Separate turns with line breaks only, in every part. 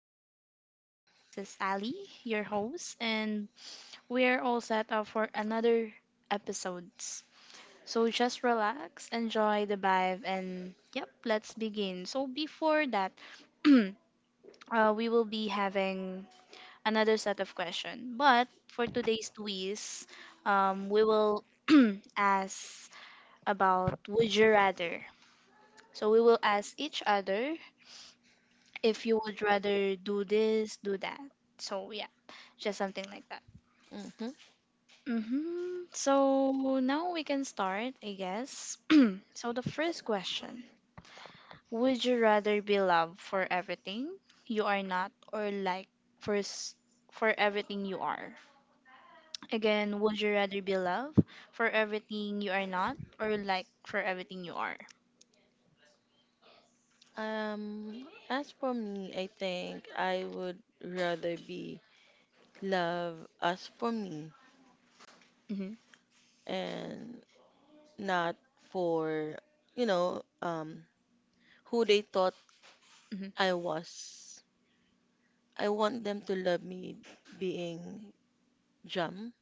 podcast. And this is Ali, your host, and we're all set up for another episodes. So just relax, enjoy the vibe, and yep, let's begin. So before that, we will be having another set of questions. But for today's quiz, we will ask about would you rather. So we will ask each other if you would rather do this, do that. So yeah, just something like that.
hmm
Hmm. So now we can start, I guess. So the first question: would you rather be loved for everything you are not, or like for s- for everything you are? Again, would you rather be loved for everything you are not, or like for everything you are?
As for me, I think I would rather be loved as for me
Hmm.
and not for, you know, um, who they thought
Hmm.
I was. I want them to love me being Jam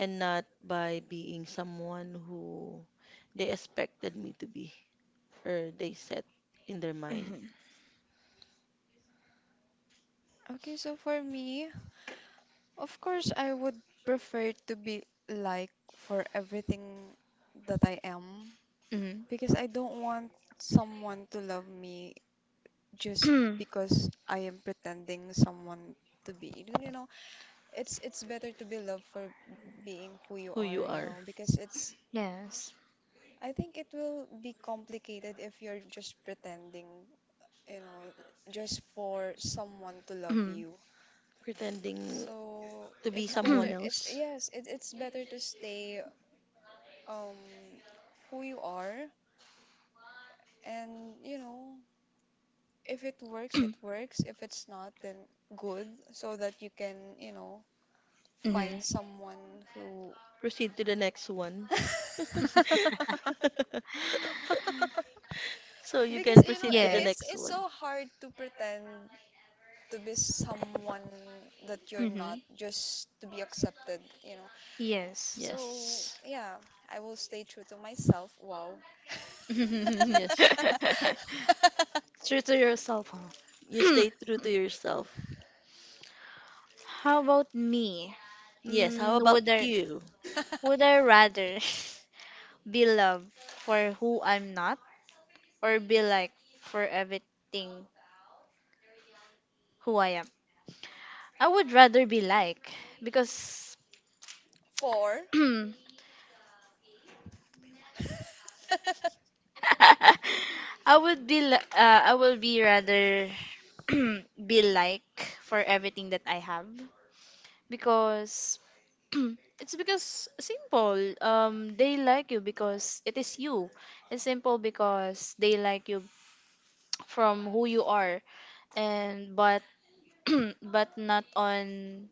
and not by being someone who they expected me to be or they set in their mind
Okay, so for me, of course, I would prefer to be like for everything that I am
Hmm.
because I don't want someone to love me just
Hmm.
because I am pretending someone to be. It's better to be loved for being who you
who
are,
you
you know,
are.
because it's
Yes.
I think it will be complicated if you're just pretending, you know, just for someone to love
Hmm.
you.
Pretending
So
to be
it's better.
someone
It's
else.
yes. It's better to stay um who you are, and you know if it works, it works. If it's not, then good. So that you can you know find someone who
Proceed to the next one. So you can
because you know
proceed to the
it's
Yes.
next
it's
one.
so hard to pretend to be someone that you're not
Hmm.
just to be accepted. You know.
Yes.
So
Yes.
yeah, I will stay true to myself. Wow.
Yes.
True to yourself, huh?
You stay true to yourself.
How about me?
Yes, how
Mm,
about
would I
you?
would I rather be loved for who I'm not or be like for everything who I am? I would rather be like because
Four.
I would be rather be like for everything that I have because it's because simple. They like you because it is you. It's simple because they like you from who you are, and but but not on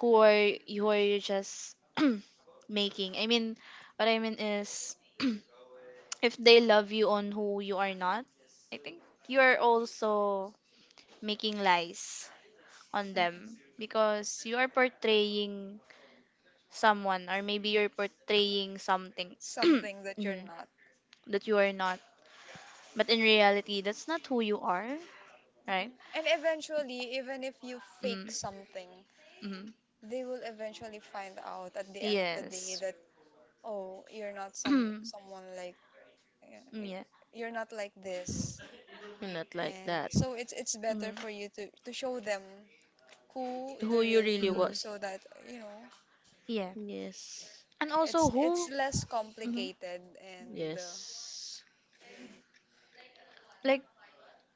who are you just making. I mean, what I mean is, if they love you on who you are not, I think you are also making lies on them because you are portraying someone or maybe you're portraying something
something that you're
mhm,
not.
that you are not, but in reality that's not who you are, right?
Mhm. And eventually, even if you
Mm.
fake something,
Mm.
they will eventually find out at the end of the day
Yes.
that, oh, you're not
Mm,
someone like yeah,
yeah.
you're not like this.
You're not like
And
that.
so it's better
Mm.
for you to show them who
Who
the
you
real
really
you
Mm.
was.
so that, you know,
Yeah.
Yes.
And
it's
also
it's
who,
less
mhm,
complicated and
Yes.
yeah.
like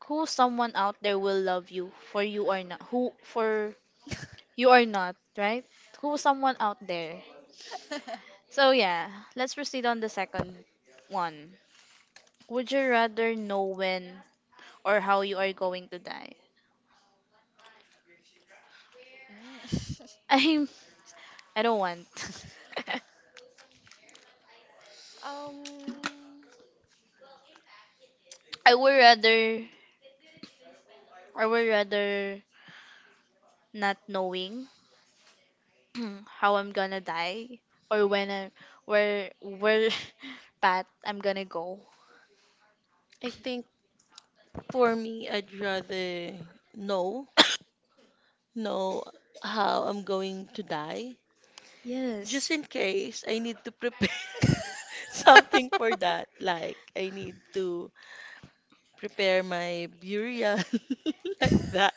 who someone out there will love you for you are not who for you are not, right? Who someone out there. So yeah, let's proceed on the second one. Would you rather know when or how you are going to die?
Mm.
I'm I don't want.
Um,
I would rather I would rather not knowing how I'm gonna die or when I, where path I'm gonna go.
I think for me, I'd rather know, know how I'm going to die
Yes.
just in case I need to prepare something for that. Like I need to prepare my burial like that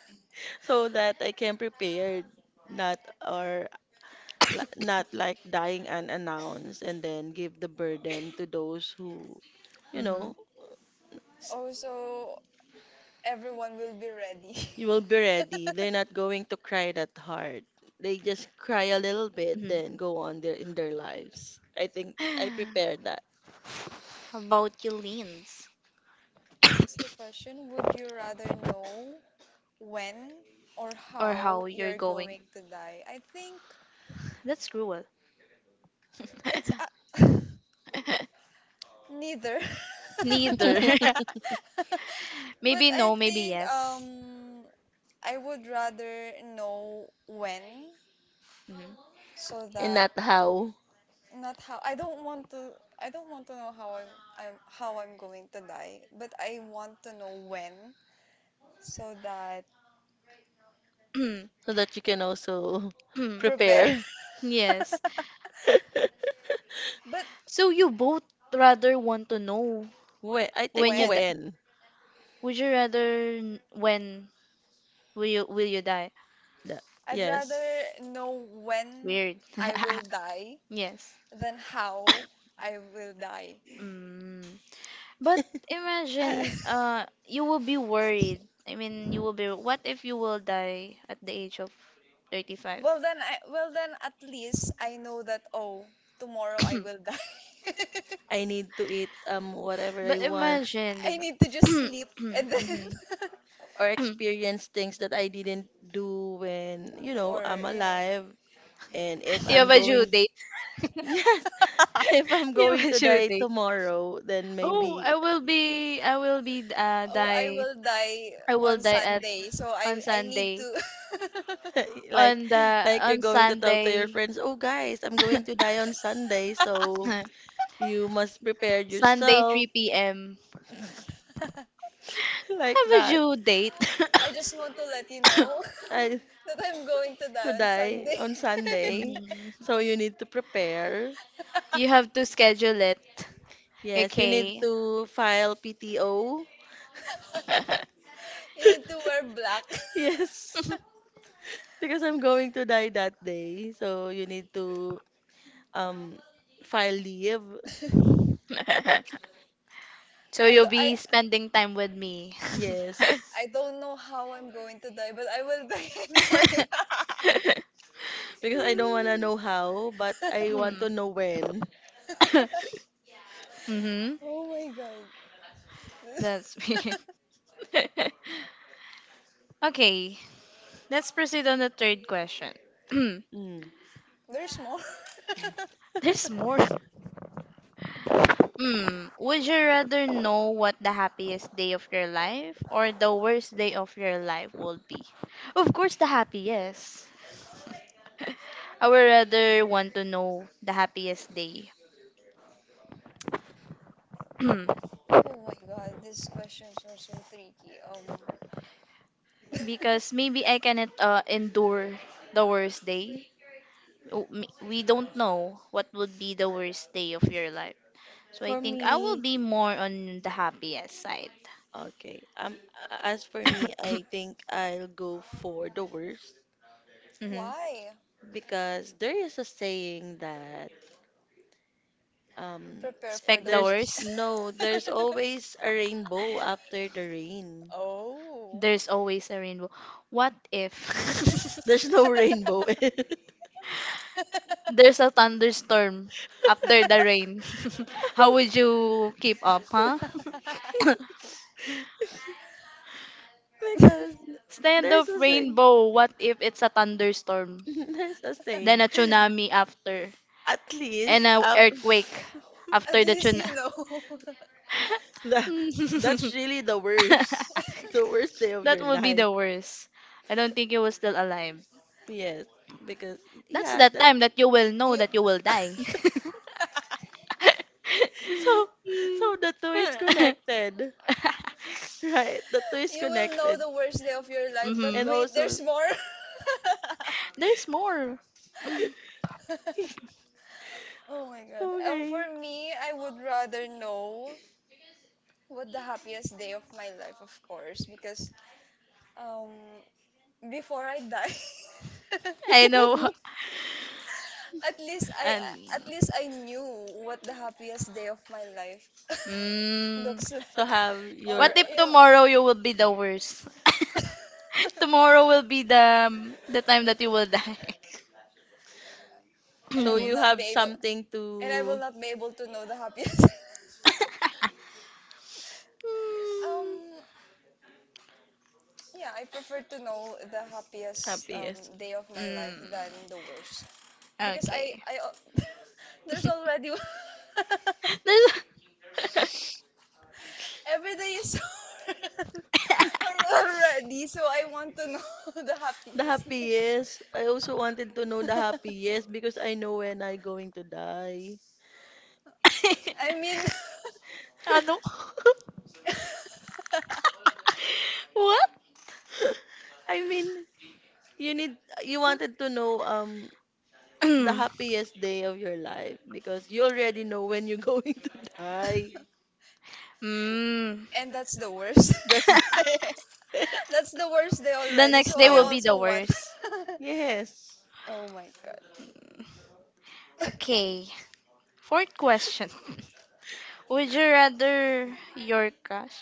so that I can prepare not or not like dying unannounced and then give the burden to those who you
Hmm.
know s-
also everyone will be ready.
you will be ready. They're not going to cry that hard. They just cry a little bit
Hmm.
then go on their in their lives. I think I prepared that.
How about your leans
What's the question? Would you rather know when or
or
how
how you're
you're
going?
going to die? I think
That's cruel.
it's neither.
Neither.
But
Maybe
I
no, maybe
think
yes.
I would rather know when so
And
that
not how,
not how I don't want to know how I'm how I'm going to die, but I want to know when so that
Mhm.
so that you can also
prepare.
prepare.
Yes.
But
So you both rather want to know
When I think
when you
when?
die.
when
Would you rather when will you die?
the,
I'd
yes,
rather know when
Weird.
I will die
Yes.
than how I will die.
Mm. But
I,
imagine you will be worried. I mean, you will be, what if you will die at the age of 35?
well then at least I know that oh tomorrow I will die.
I need to eat whatever I
But
want
imagine
I
the
need to just sleep and then
Mhm.
or experience things that I didn't do when
or
I'm
you know
alive. And if
You have
I'm
a due
going,
date.
yes, if I'm
You have
going
a
to
due
die
date.
tomorrow, then
Oh,
maybe
I will be
oh I
die
will die
I will
on
die at
Sunday so
on
I need
Sunday.
to
like
On the
like you're
on
going to tell to your
Sunday.
friends, oh guys, I'm going to die on Sunday, so you must prepare
Sunday,
yourself
3 p.m.
like
Have a
that.
due date.
I just want to let you know
I
that I'm going to die
To
on
die
Sunday.
on Sunday.
Mhm.
So you need to prepare.
You have to schedule it.
Yes, you need
Okay.
to file PTO.
You need to wear black.
Yes, because I'm going to die that day. So you need to um file leave.
So
I do
you'll
I
be spending time with me.
Yes.
I don't know how I'm going to die, but I will die anyway.
Because I don't wanna know how, but I want to
Hmm.
know when.
Hmm.
Oh my god.
That's me. Okay, let's proceed on the third question.
Mm.
There's more.
There's more. Hmm. Would you rather know what the happiest day of your life or the worst day of your life would be? Of course, the happiest. I would rather want to know the happiest day
Oh my god, these questions are so tricky.
because maybe I cannot endure the worst day. Oh, we don't know what would be the worst day of your life. So I
For
think I will
me,
be more on the happiest side.
okay. As for me, I think I'll go for the worst
Mhm.
Why?
because there is a saying that um
Prepare for
Expect
the
the
there's
worst.
worst.
no there's always a rainbow after the rain.
Oh.
There's always a rainbow. What if
There's no rainbow.
there's a thunderstorm after the rain? How would you keep up, huh?
Because
Stand
there's
of
a saying,
rainbow. What if it's a thunderstorm?
there's a
Then
saying,
a tsunami after.
at
And
least
a earthquake
At
after the
least
tsunami.
you know.
the that's really the worst, the worst day of
That
your
would be
life.
the worst. I don't think he was still alive.
Yes, because
That's
yeah,
the
that.
time that you will know
You
that you will die.
So, so the two is connected, right? The two is
you will know
connected.
the worst day of your life, but
Hmm.
And
wait,
also,
there's more.
There's more.
Oh my God.
okay.
For me, I would rather know what the happiest day of my life, of course, because um before I die,
I know.
at least I
And
at least I knew what the happiest day of my life
mm,
looks
So
like,
have
or
what
your,
if
you know,
tomorrow you will be the worst? Tomorrow will be the the time that you will die.
and I
so
will
Mhm.
you
not be
have
able
something
and I will
to
not be able to know the happiest. Um, yeah, I prefer to know the happiest
happiest.
day of my life than
mm,
the worst because
okay.
there's already
There's,
every day is horrible already, so I want to know the
The
happiest day.
happiest. I also wanted to know the happiest because I know when I going to die.
I mean,
ano? What?
I mean, You need you wanted to know the
Mm.
happiest day of your life because you already know when you're going to die.
and that's the worst.
That's
That's the worst day
The
already,
next
so
day
I
will
oh
be
also
the
want.
worst.
yes,
Oh my God,
Okay. Fourth question. Would you rather your crush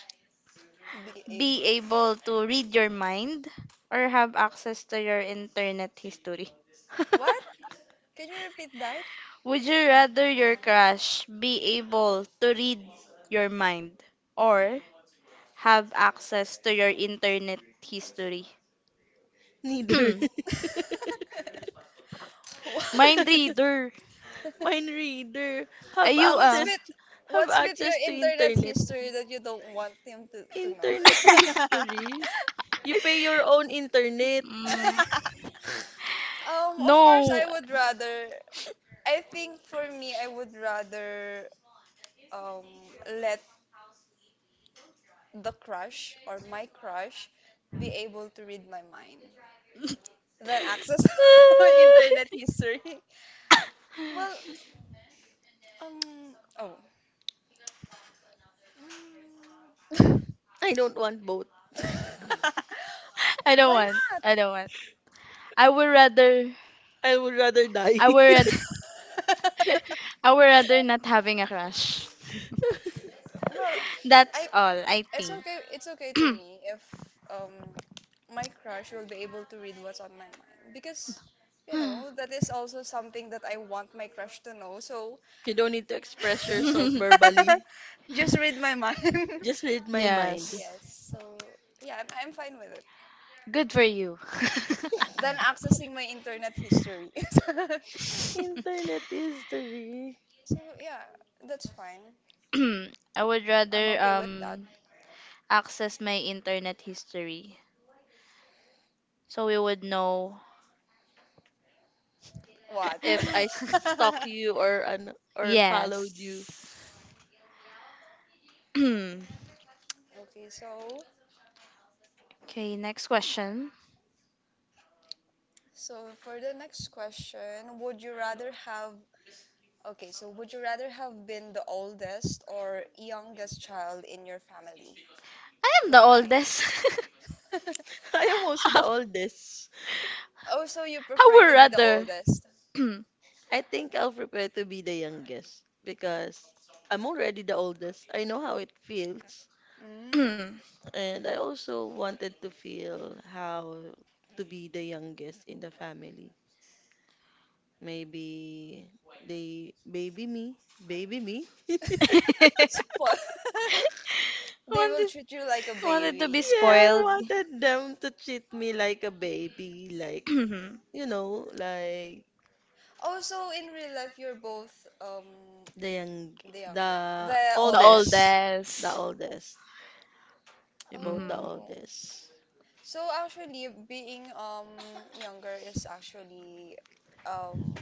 be
be
able.
able to read your mind or have access to your internet history?
What? Can you repeat that?
Would you rather your crush be able to read your mind or have access to your internet history?
neither.
Mind reader.
Mind reader,
Are
have
you?
What's
access
with
have
what's with your
access to
internet
internet.
history that you don't want him to know?
Internet history. You pay your own internet.
Mm,
Of course
no.
I would rather I think for me I would rather let the crush or my crush be able to read my mind than access my internet history. Well, oh. Mm.
I don't want both.
I don't
Why
want.
not?
I don't want. I would rather.
I would rather die.
I would rather. I would rather not having a crush.
Well,
That's
I
all. I
It's
think.
okay. It's okay to me if um my crush will be able to read what's on my mind because you know that is also something that I want my crush to know. So
You don't need to express yourself verbally.
just read my mind.
Just read my mind.
Yes.
Yes, so yeah, I'm fine with it.
Good for you.
Then accessing my internet history.
Internet history.
So yeah, that's fine.
I would
I'm
rather
okay with that.
access my internet history so we would know.
What?
If I stalk you or an or followed you.
Yes. Okay,
Okay,
next question.
so for the next question, would you rather have okay, so would you rather have been the oldest or youngest child in your family?
I am the
Why?
oldest.
I am also
How,
the oldest.
Oh, so you prefer
were
to be the
rather?
oldest.
wanted,
I think I'll prepare to be the youngest because I'm already the oldest. I know how it feels,
Mm.
and I also wanted to feel how to be the youngest in the family. Maybe they baby me, baby me.
Po- They will treat you like a
wanted to be
baby.
Yeah, I
spoiled.
wanted them to treat me like a baby, like,
The
like
Oh, so in real life you're both um
the young,
the youngest,
the
the oldest.
oldest, the
oldest.
oldest, about the
Hmm.
Oh.
oldest.
So actually being younger is actually um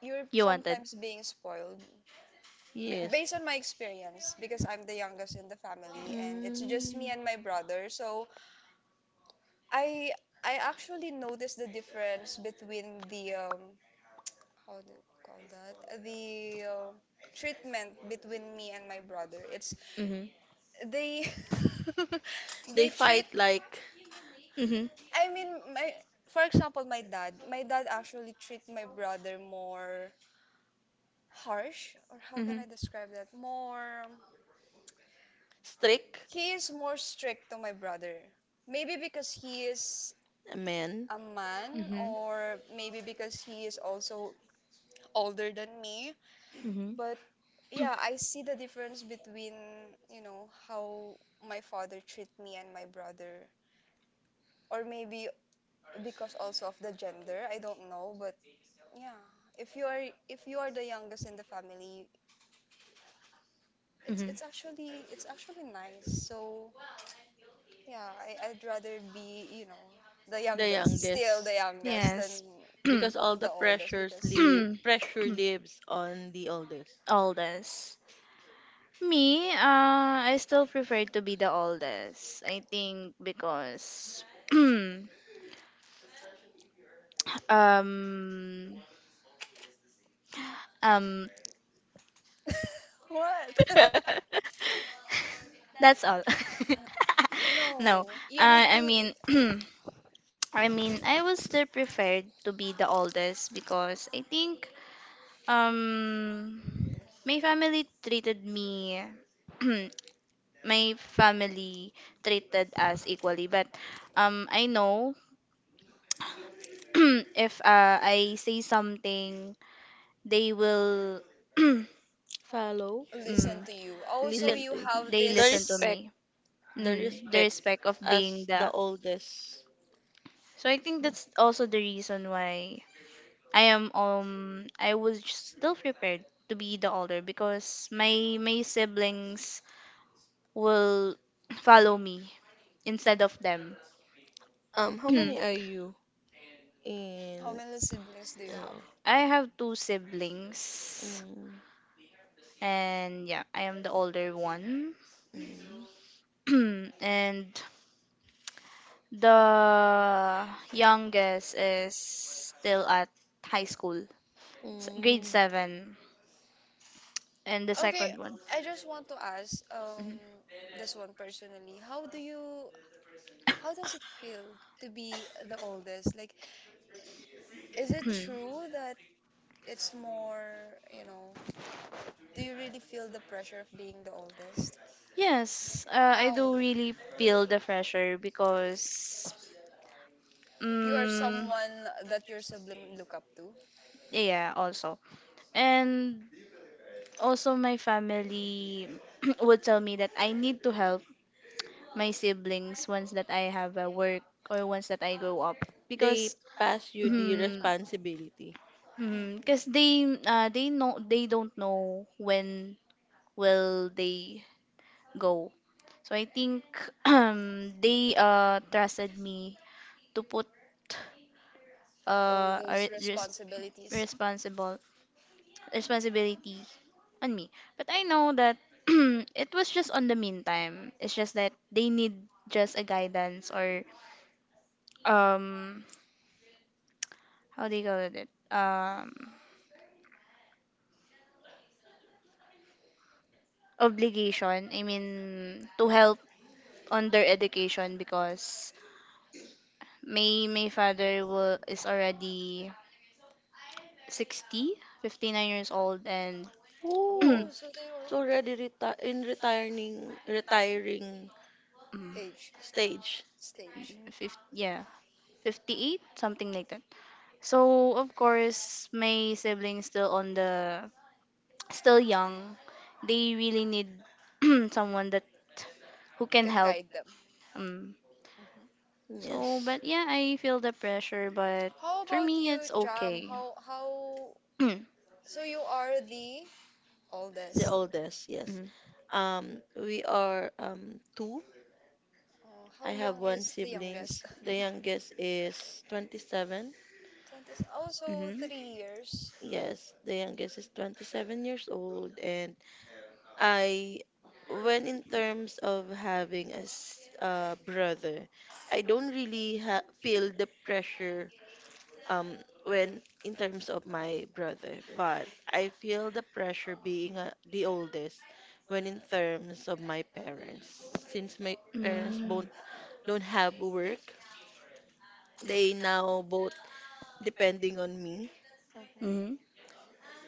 you're
You wanted.
sometimes being spoiled
Yes.
based on my experience, because I'm the youngest in the family and it's just me
Mm.
and my brother, so I I actually noticed the difference between the how do you call that the treatment between me and my brother. It's
Hmm.
they
They
they treat.
fight like
Hmm.
I mean my. For example, my dad. My dad actually treat my brother more harsh, or how can
Hmm.
I describe that? More
strict
he is more strict to my brother. Maybe because he is
a man,
a man,
Hmm.
or maybe because he is also older than me.
Hmm.
But yeah, I see the difference between, you know, how my father treat me and my brother. Or maybe because also of the gender, I don't know, but yeah. If you are if you are the youngest in the family,
Hmm.
it's actually nice. So yeah, I'd rather be, you know,
the
still
youngest,
the youngest than
Yes.
because all the
the oldest
pressures
because
live pressure lives on the oldest.
Oldest. Me, I still prefer to be the oldest. I think because um um
what?
that's all. No.
No, you need
I
to
mean I mean I was still preferred to be the oldest because I think um my family treated me my family treated us equally but I know if I say something, they will mm,
Follow,
listen to you. Also,
li-
listen
you
to him.
have
they
The
listen to
this.
respect,
me.
the
The
respect
respect of being
as the
the,
oldest.
so I think
Yeah.
that's also the reason why I am, I was still prepared to be the older because my siblings will follow me instead of them.
How many are you
How
in?
many siblings do you have?
Uh,
I have two siblings,
mm,
and yeah, I am the older one,
mm,
and the youngest is still at high school, grade
mm.
seven, and the
Okay,
second one.
I just want to ask this one personally. How do you how does it feel to be the oldest? Like, is it
Mhm.
true that it's more, you know, do you really feel the pressure of being the oldest?
Yes, I
How?
do really feel the pressure because,
You are
um,
someone that your sibling look up to?
yeah, also, and also my family would tell me that I need to help my siblings once that I have a work or once that I grow up
They
because
pass you the
mm,
responsibility.
cause they know, they don't know when will they go. So I think they trusted me to put
Oh,
a
those
re- res-
responsibilities.
responsible responsibility on me. But I know that it was just on the meantime. It's just that they need just a guidance or um how do you call it, um obligation, I mean, to help on their education because my father is already 60, 59 years old and
Oh,
Oh, so they
it's
are
already reti in retiring retiring
mm,
age,
stage.
stage,
50, yeah 58 something like that. So of course my siblings still on the still young. They really need someone that who can
can
help.
guide them.
um,
Mhm.
So,
Yes,
but yeah, I feel the pressure, but
How
for
about
me, it's
you, Jam?
okay.
How
Mm-hmm.
so you are the
the
oldest.
oldest. Yes, we are two.
Oh,
I
how
have
young
one
is the
siblings.
youngest?
The youngest is 27.
That is also
Mm-hmm.
3 years.
Yes, the youngest is 27 years old. And I, when in terms of having a brother, I don't really feel the pressure, um, when in terms of my brother, but I feel the pressure being the oldest when in terms of my parents, since my parents
Mm-hmm.
both don't have work. They now both depending on me.
Mhm.
Mm-hmm.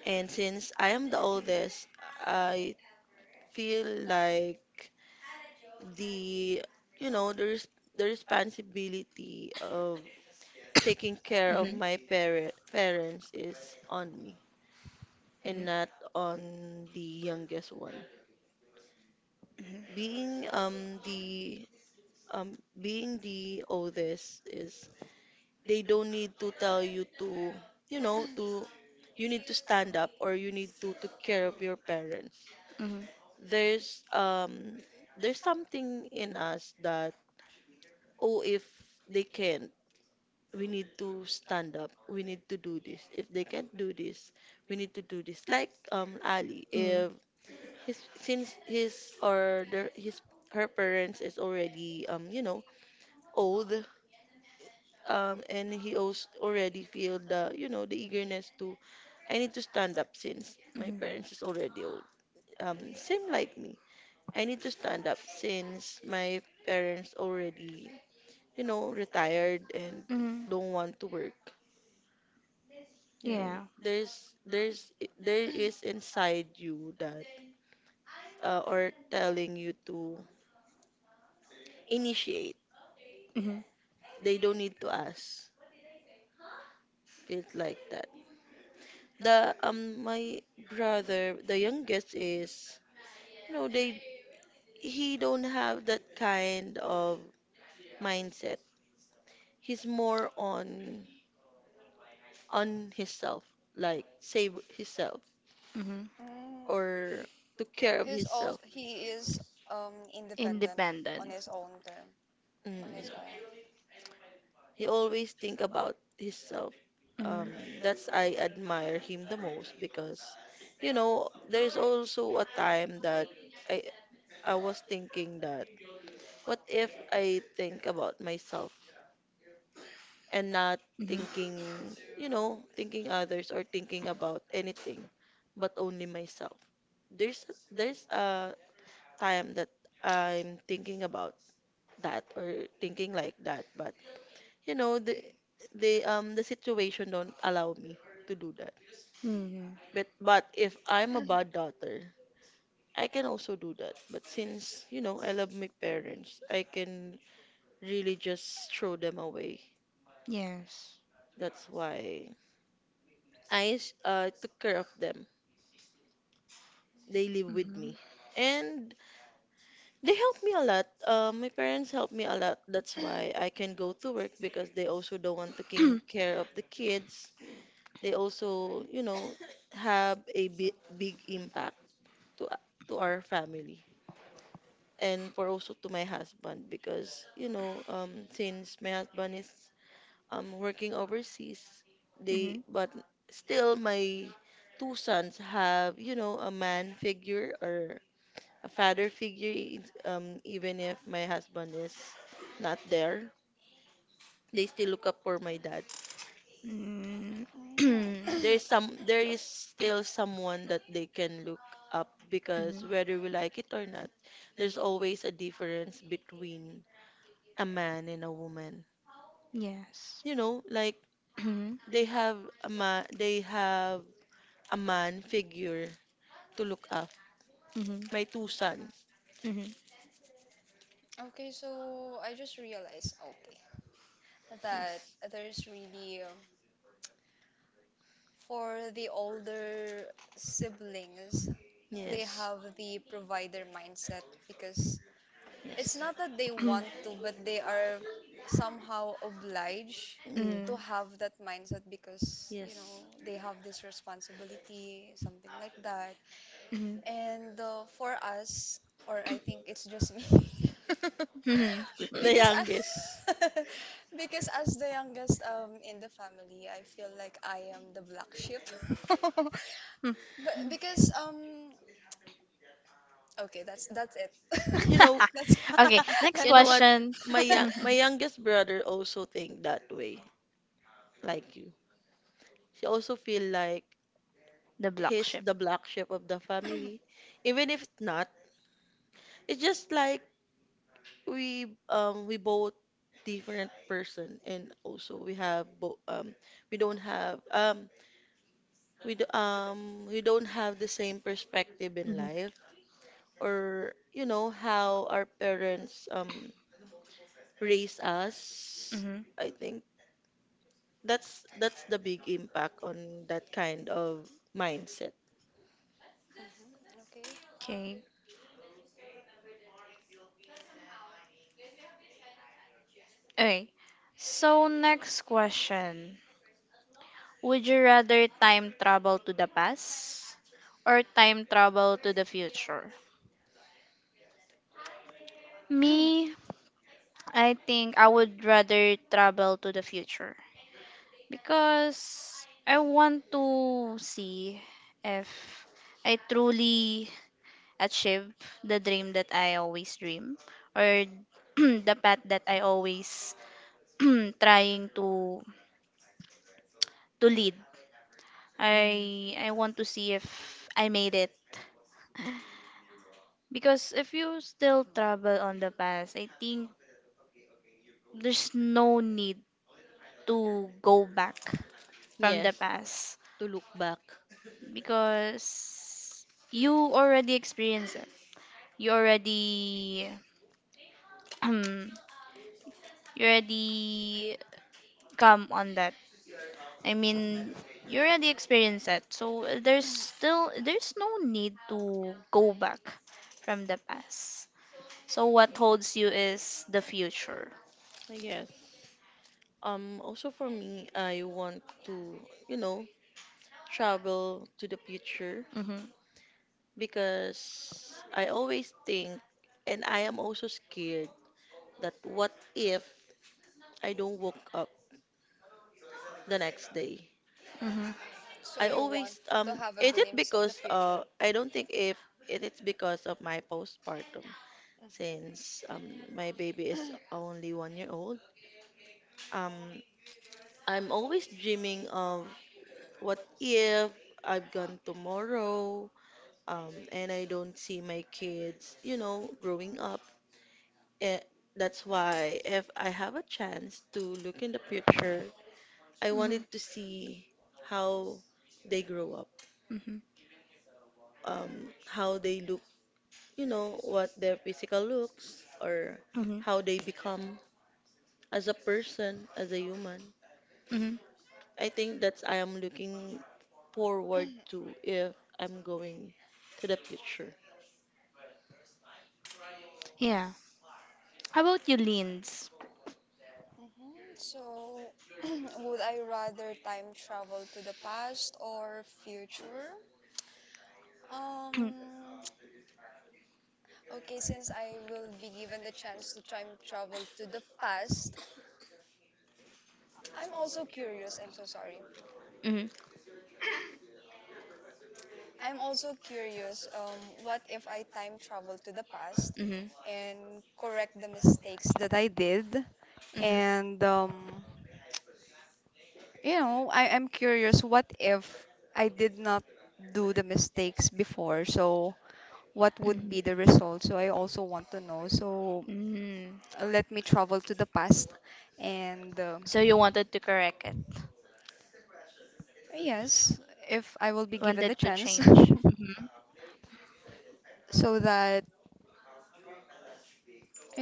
And since I am the oldest, I feel like the you know the res- the responsibility of taking care of
Mm-hmm.
my parents is on me
Mm-hmm.
and not on the youngest one. Being um the Being the oldest is they don't need to tell you to, to you need to stand up or you need to take care of your parents.
Mm-hmm.
There's um there's something in us that, oh, if they can't, we need to stand up, we need to do this, if they can't do this, we need to do this, like ali,
Mm-hmm.
if his, since his, or their, his, her parents is already you know old, and he also already feel the you know the eagerness to, I need to stand up since my parents is already old. Same like me. I need to stand up since my parents already, retired and
Mm-hmm.
don't want to work. You know,
Yeah.
there is inside you that, or telling you to initiate.
Mm-hmm.
They don't need to ask. Feels like that. The my brother, the youngest is, no, they he don't have that kind of mindset. He's more on himself, like save himself
Mm-hmm.
Mm.
or took care of
He's
himself.
also he is independent
Independent.
on his own term, on
Mm.
his own.
He always think about himself. Um,
Mm-hmm.
that's, I admire him the most because, there's also a time that I I was thinking that what if I think about myself and not
Mm-hmm.
thinking, thinking others or thinking about anything, but only myself. There's there's a time that I'm thinking about that or thinking like that, but you know, the the situation don't allow me to do that.
Mm-hmm.
But if I'm a bad daughter, I can also do that. But since, I love my parents, I can really just throw them away.
Yes.
That's why I took care of them. They live with
Mm-hmm.
me. And they help me a lot. My parents help me a lot. That's why I can go to work because they also don't want taking care of the kids. They also, have a big, big impact to to our family and for also to my husband because, since my husband is working overseas, they
Mm-hmm.
but still my two sons have, a man figure or a father figure, even if my husband is not there, they still look up for my dad.
Mm.
Mm.
There is still someone that they can look up
Mhm.
because whether we like it or not, there's always a difference between a man and a woman.
Yes.
Like
Mhm,
they have they have a man figure to look up.
mhm, mhm, mhm,
My two sons.
mhm,
Okay, so I just realized, okay, that
Yes.
there's really for the older siblings, they
Yes.
have the provider mindset because it's
Yes.
not that they
mhm,
want to, but they are somehow obliged
Yeah.
to have that mindset because, you
Yes.
know, they have this responsibility, something like that. And for us, or I think it's just me,
mhm. Mhm.
The
because yeah.
youngest.
Because as the youngest in the family, I feel like I am the black sheep. But because okay, that's it.
You know,
That's
Okay, next
you
that's
know what?
question.
My young, my youngest brother also think that way, like you. She also feel like
The block
he's
ship.
the black sheep of the family, even if it's not. It's just like we both different person, and also we have both, we don't have, we don't have the same perspective in
Mhm.
life or how our parents raise us.
Mhm.
I think that's the big impact on that kind of mindset.
hmm okay.
Okay. Okay. So next question. Would you rather time travel to the past or time travel to the future? Me, I think I would rather travel to the future because I want to see if I truly achieve the dream that I always dream or the path that I always trying to lead.
Mm.
I want to see if I made it. Because if you still travel on the past, I think there's no need to go back from the
Yes,
past
to look back.
because you already experienced it. You already you already come on that. I mean, you already experienced that. So there's no need to go back from the past. So what holds you is the future.
I guess, also for me, I want to you know travel to the future
Mhm.
because I always think, and I am also scared that what if I don't woke up the next day?
Mhm.
So
I
you
always
want to have a
is it
glimpse of the
because,
future.
I don't think if it is because of my postpartum
Hmm.
since my baby is only 1 year old. Um, I'm always dreaming of what if I've gone tomorrow. And I don't see my kids, growing up. Eh, that's why if I have a chance to look in the future, I
Mhm.
wanted to see how they grow up,
Mhm.
how they look, what their physical looks or
Mhm.
how they become as a person, as a human.
Mhm.
I think that's, I am looking forward to if I'm going to the future.
Yeah. How about you, Lins?
Hmm. So, would I rather time travel to the past or future? Um, okay, since I will be given the chance to time travel to the past, I'm also curious. I'm so sorry.
Mhm. Mhm.
I'm also curious. What if I time travel to the past and correct the mistakes that I did?
Mhm.
And you know, I am curious, what if I did not do the mistakes before? So what would be
Mhm.
the result? So I also want to know. So
Mhm.
let me travel to the past. And
So you wanted to correct it.
yes, if I will be given
Wanted
the
to
chance,
change. Mhm.
so that,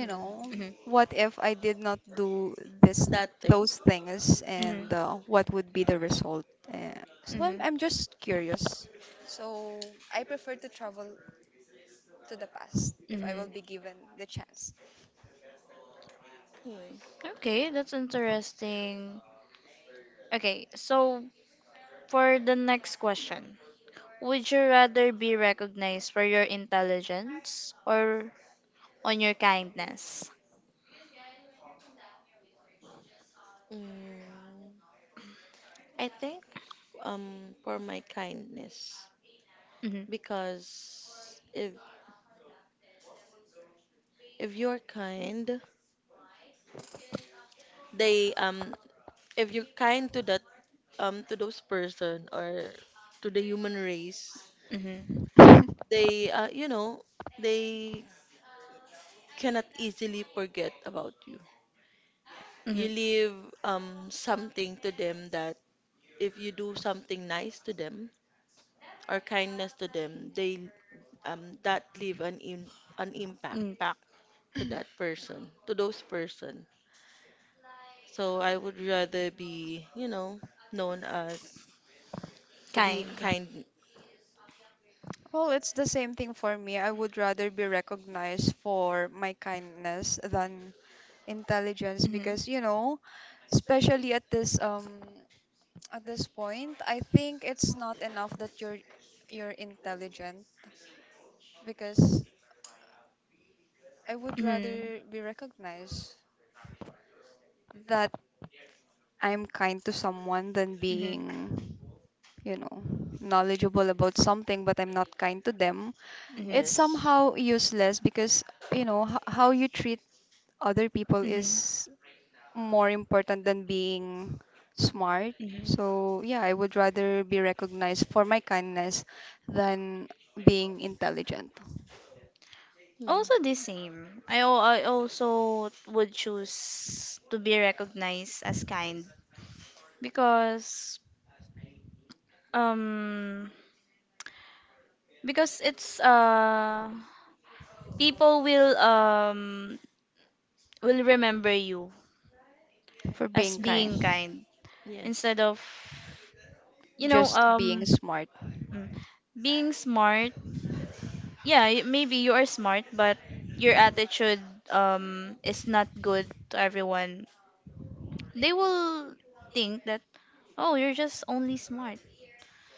Mm.
know,
Mhm.
what if I did not do this
That thing.
those things
Mhm.
and what would be the result? Uh, so
Mhm.
I'm just curious. So I prefer to travel to the past if I will
Mhm.
be given the chance.
Mm.
Okay, that's interesting. Okay, so for the next question, would you rather be recognized for your intelligence or on your kindness?
Mm. I think, for my kindness,
Mm-hmm,
because if you're kind, they if you're kind to that to those person or to the human race,
mm-hmm,
they uh, you know, they, cannot easily forget about you. You
mm-hmm.
leave something to them, that if you do something nice to them or kindness to them, they that leave an impact
Impact.
to that person, to those person. So I would rather be, known as to be
Kind.
kind.
Well, it's the same thing for me. I would rather be recognized for my kindness than intelligence
Mm-hmm,
because, you know, especially at this point, I think it's not enough that you're intelligent because I would
mm-hmm,
rather be recognized that I'm kind to someone than
mm-hmm,
being, you know, knowledgeable about something but I'm not kind to them.
mm-hmm,
It's
Yes.
somehow useless because you know how you treat other people
mm-hmm,
is more important than being smart.
mm-hmm.
So yeah, I would rather be recognized for my kindness than being intelligent
Hmm.
Also the same. I also would choose to be recognized as kind because um because it's people will remember you
for
as
being
being
kind
Yes.
kind
Yes.
instead of you know
just being
um
smart.
mm, being smart. Yeah, maybe you are smart but your attitude is not good to everyone. They will think that, oh, you're just only smart,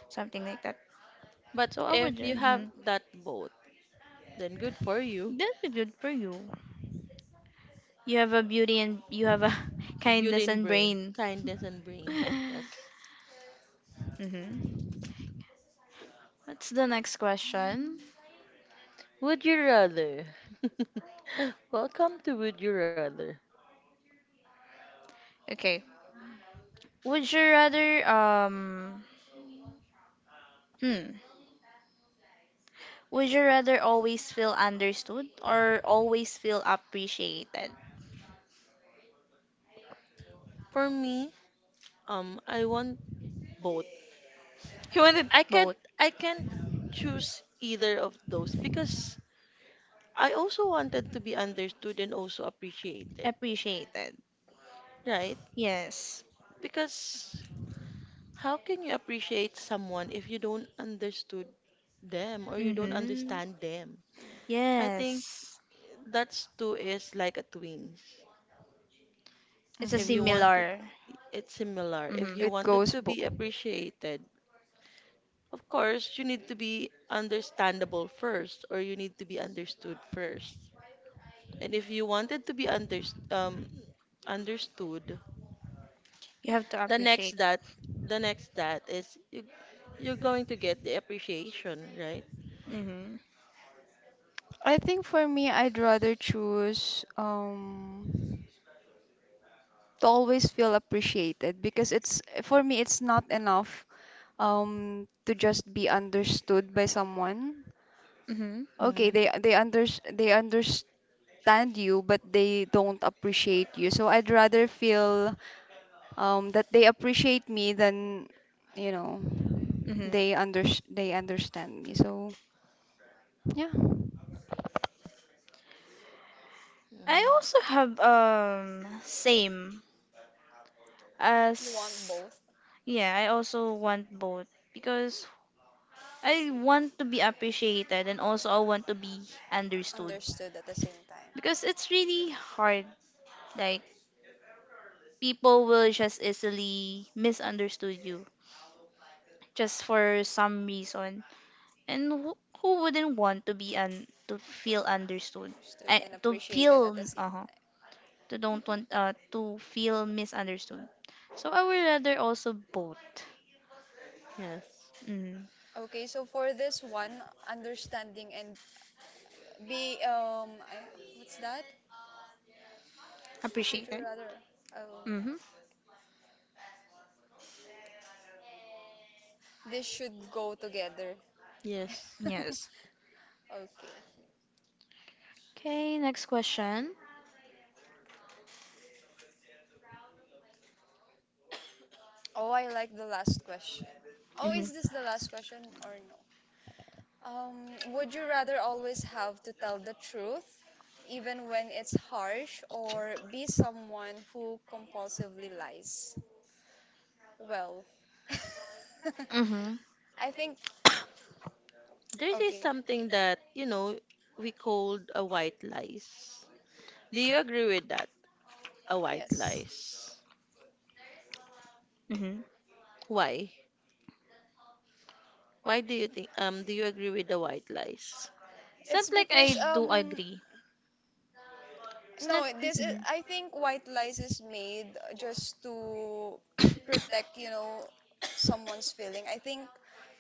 something like that.
But
So I would,
if you have that both, then good for you.
that'd be good for you. You have a beauty and you have a
Beauty
kindness
and
and
brain,
brain.
kindness and brain.
Mm-hmm.
Yes.
What's the next question?
Would you rather? Welcome to Would You Rather.
Okay would you rather um hmm Would you rather always feel understood or always feel appreciated?
For me, I want both.
You wanted
I can't
both.
I can't choose either of those because I also wanted to be understood and also appreciated,
Appreciated.
right?
Yes.
Because how can you appreciate someone if you don't understood them or you don't
Mm-hmm.
understand them? I think
Yes.
that's two is like a twins.
It's a
If you
Hmm.
want it,
similar.
it's similar. If you
Mm-hmm.
It
want it
goes
to
both.
be appreciated, of course you need to be understandable first or you need to be understood first. And if you wanted to be understood,
You have to
the next
appreciate.
that the next that is you're going to get the appreciation, right?
Mm-hmm.
I think for me I'd rather choose to always feel appreciated because it's for me it's not enough to just be understood by someone.
Mm-hmm.
Okay,
Mm.
they understand you, but they don't appreciate you. So I'd rather feel that they appreciate me than you know
Mm-hmm.
they under they understand me. So yeah.
Mm.
I also have same
You want
as
both
yeah, I also want both because I want to be appreciated and also I want to be understood
understood at the same time,
because it's really hard. Like, people will just easily misunderstood you just for some reason. And who wouldn't want to be un to feel understood?
understood
I,
and
to
appreciated at
feel
the same
uh-huh, to
time.
don't
Hmm.
want to feel misunderstood. So I would rather also both.
Yes.
Mm,
Okay, so for this one, understanding and be what's that?
appreciate
Would you
it.
rather? Oh.
Mhm.
This should go together.
Yes.
Yes.
Okay.
Okay, next question.
Oh, I like the last question. Oh,
Mhm.
is this the last question or no? Would you rather always have to tell the truth, even when it's harsh, or be someone who compulsively lies? Well,
Mm-hmm.
I think,
There is
okay.
something that, you know, we called a white lies. Do you agree with that? A white
Yes.
lies.
Mhm.
Why? Why do you think do you agree with the white lies?
It's not
It's
like I
because
do agree. It's
no,
not.
this is
Mhm.
I think white lies is made just to protect, you know, someone's feeling. I think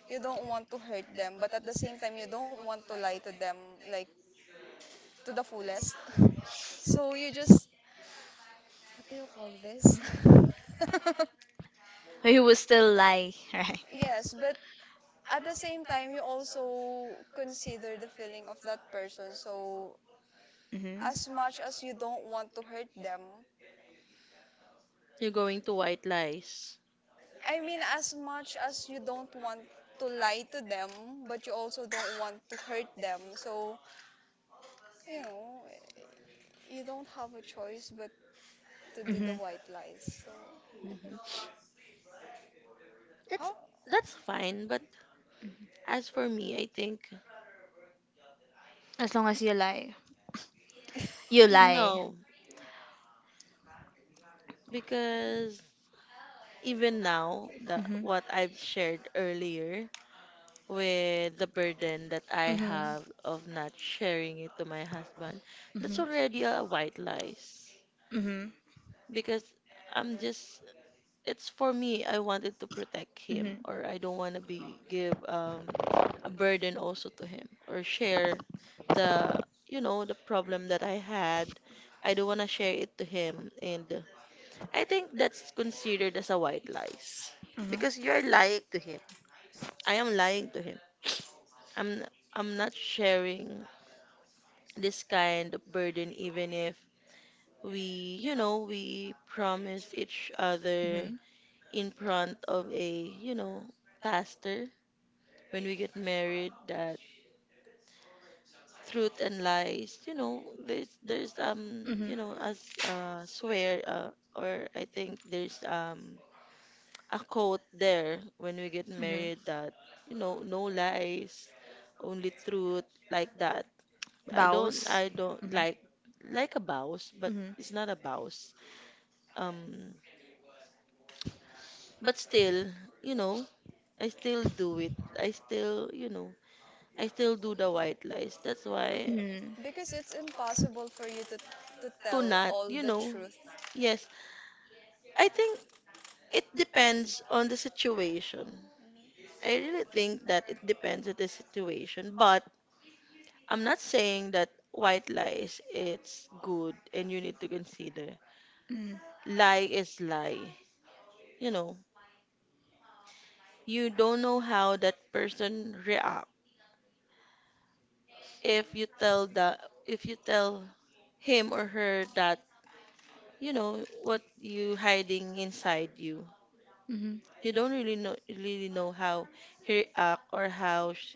you don't want to hurt them, but at the same time you don't want to lie to them like to the fullest. So you just what do you call this?
You will still lie, right?
Yes, but at the same time, you also consider the feeling of that person. So,
Hmm.
as much as you don't want to hurt them,
You're going to white lies.
I mean, as much as you don't want to lie to them, but you also don't want to hurt them. So, you know, you don't have a choice but to do the
Hmm.
white lies. So, I
Mm-hmm.
think
That's
how
that's fine, but as for me, I think
As long as you lie, you lie.
no, because even now, the
Hmm
what I've shared earlier with the burden that I
hmm
have of not sharing it to my husband,
hmm hmm
that's already
hmm
a white lies
hmm
because I'm just it's for me I wanted to protect him or I don't want to be give a burden also to him or share the, you know, the problem that I had. I don't want to share it to him and I think that's considered as a white lies because you're lying to him. I am lying to him. i'm I'm not sharing this kind of burden even if we, you know, we promised each
hmm
other
hmm
in front of a, you know, pastor when we get married that truth and lies, you know, there's you
hmm.
know, as swear or I think there's a quote there when we get married that, you know, no lies, only truth like that. I don't
Bows.
I don't
Hmm
like a vows, but it's not a vows. Um but still, you know, I still do it. I still, you know, I still do the white lies. That's why
hmm
because it's impossible for you to
to
tell
not,
all
you
the
know.
truth.
Yes, I think it depends on the situation.
Mhm.
I really think that it depends on the situation, but I'm not saying that white lies it's good and you need to consider.
hmm
Lie is lie. You know, you don't know how that person react if you tell the if you tell him or her that you know what you hiding inside you.
hmm.
You don't really know how he react or how sh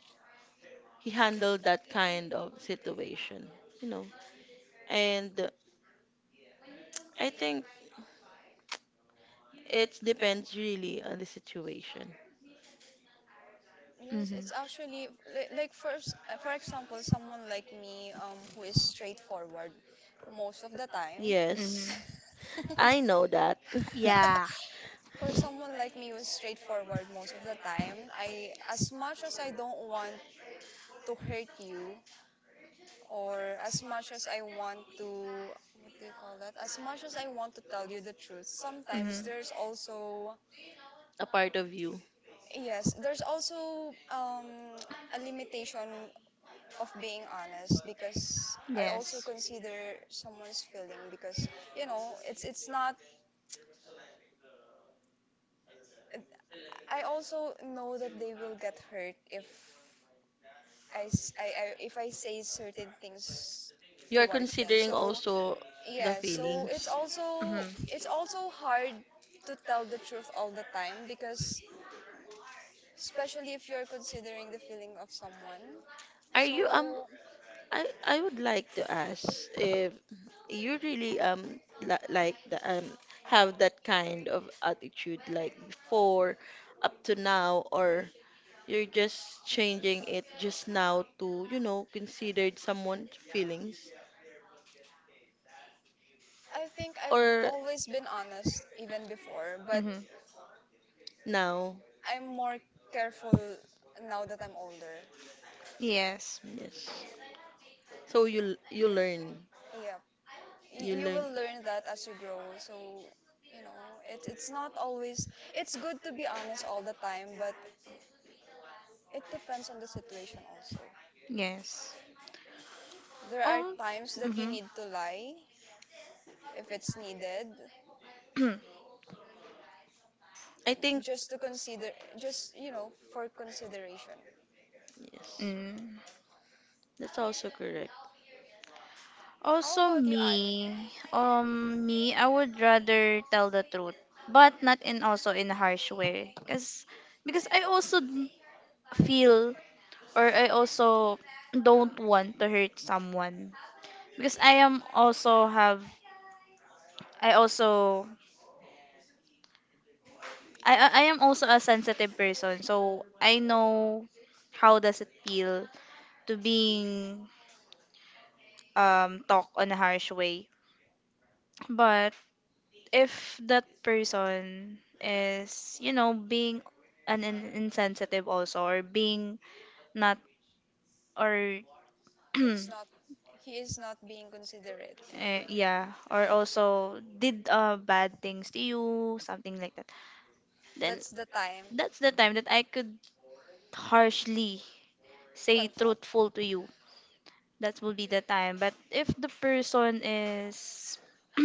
he handled that kind of situation, you know. And I think it depends really on the situation.
Yes,
Mhm.
it's actually for example, someone like me who is straightforward most of the time.
Yes,
Mhm.
I know that.
Yeah.
For someone like me who's straightforward most of the time, I as much as I don't want to hurt you or as much as I want to what do you call that? As much as I want to tell you the truth, sometimes
Mhm.
there's also
A part of you.
yes, there's also a limitation of being honest because I also
Yes.
consider someone's feeling because you know, it's not I also know that they will get hurt if I, s- I- if I say certain things
You are
towards them.
considering
So
also the
yeah, so
feelings.
Mhm.
it's also hard to tell the truth all the time because especially if you're considering the feeling of someone.
Are you
So
I would like to ask if you really li like the, have that kind of attitude like before up to now or you're just changing it just now to, you know, considered someone's feelings
I think I've
or
always been honest even before, but
Mhm.
now.
I'm more careful now that I'm older.
Yes.
Yes, so you learn
Yeah,
you
you
learn.
will learn that as you grow. So you know, it's not always it's good to be honest all the time, but it depends on the situation also.
Yes.
There are
Oh.
times that you
Mhm.
need to lie if it's needed
I think
just to consider just you know for consideration.
yes.
Mm.
That's also correct.
How
Also
about you, Ali?
me. Me, I would rather tell the truth, but not in also in a harsh way cuz because I also feel or I also don't want to hurt someone because I am also have I also I am also a sensitive person, so I know how does it feel to being talk on a harsh way. But if that person is, you know, being an insensitive also or being not or eh,
It's not he is not being considerate.
yeah, or also did bad things to you, something like that, then
That's the time
that's the time that I could harshly say
confront.
truthful to you. That will be the time. But if the person is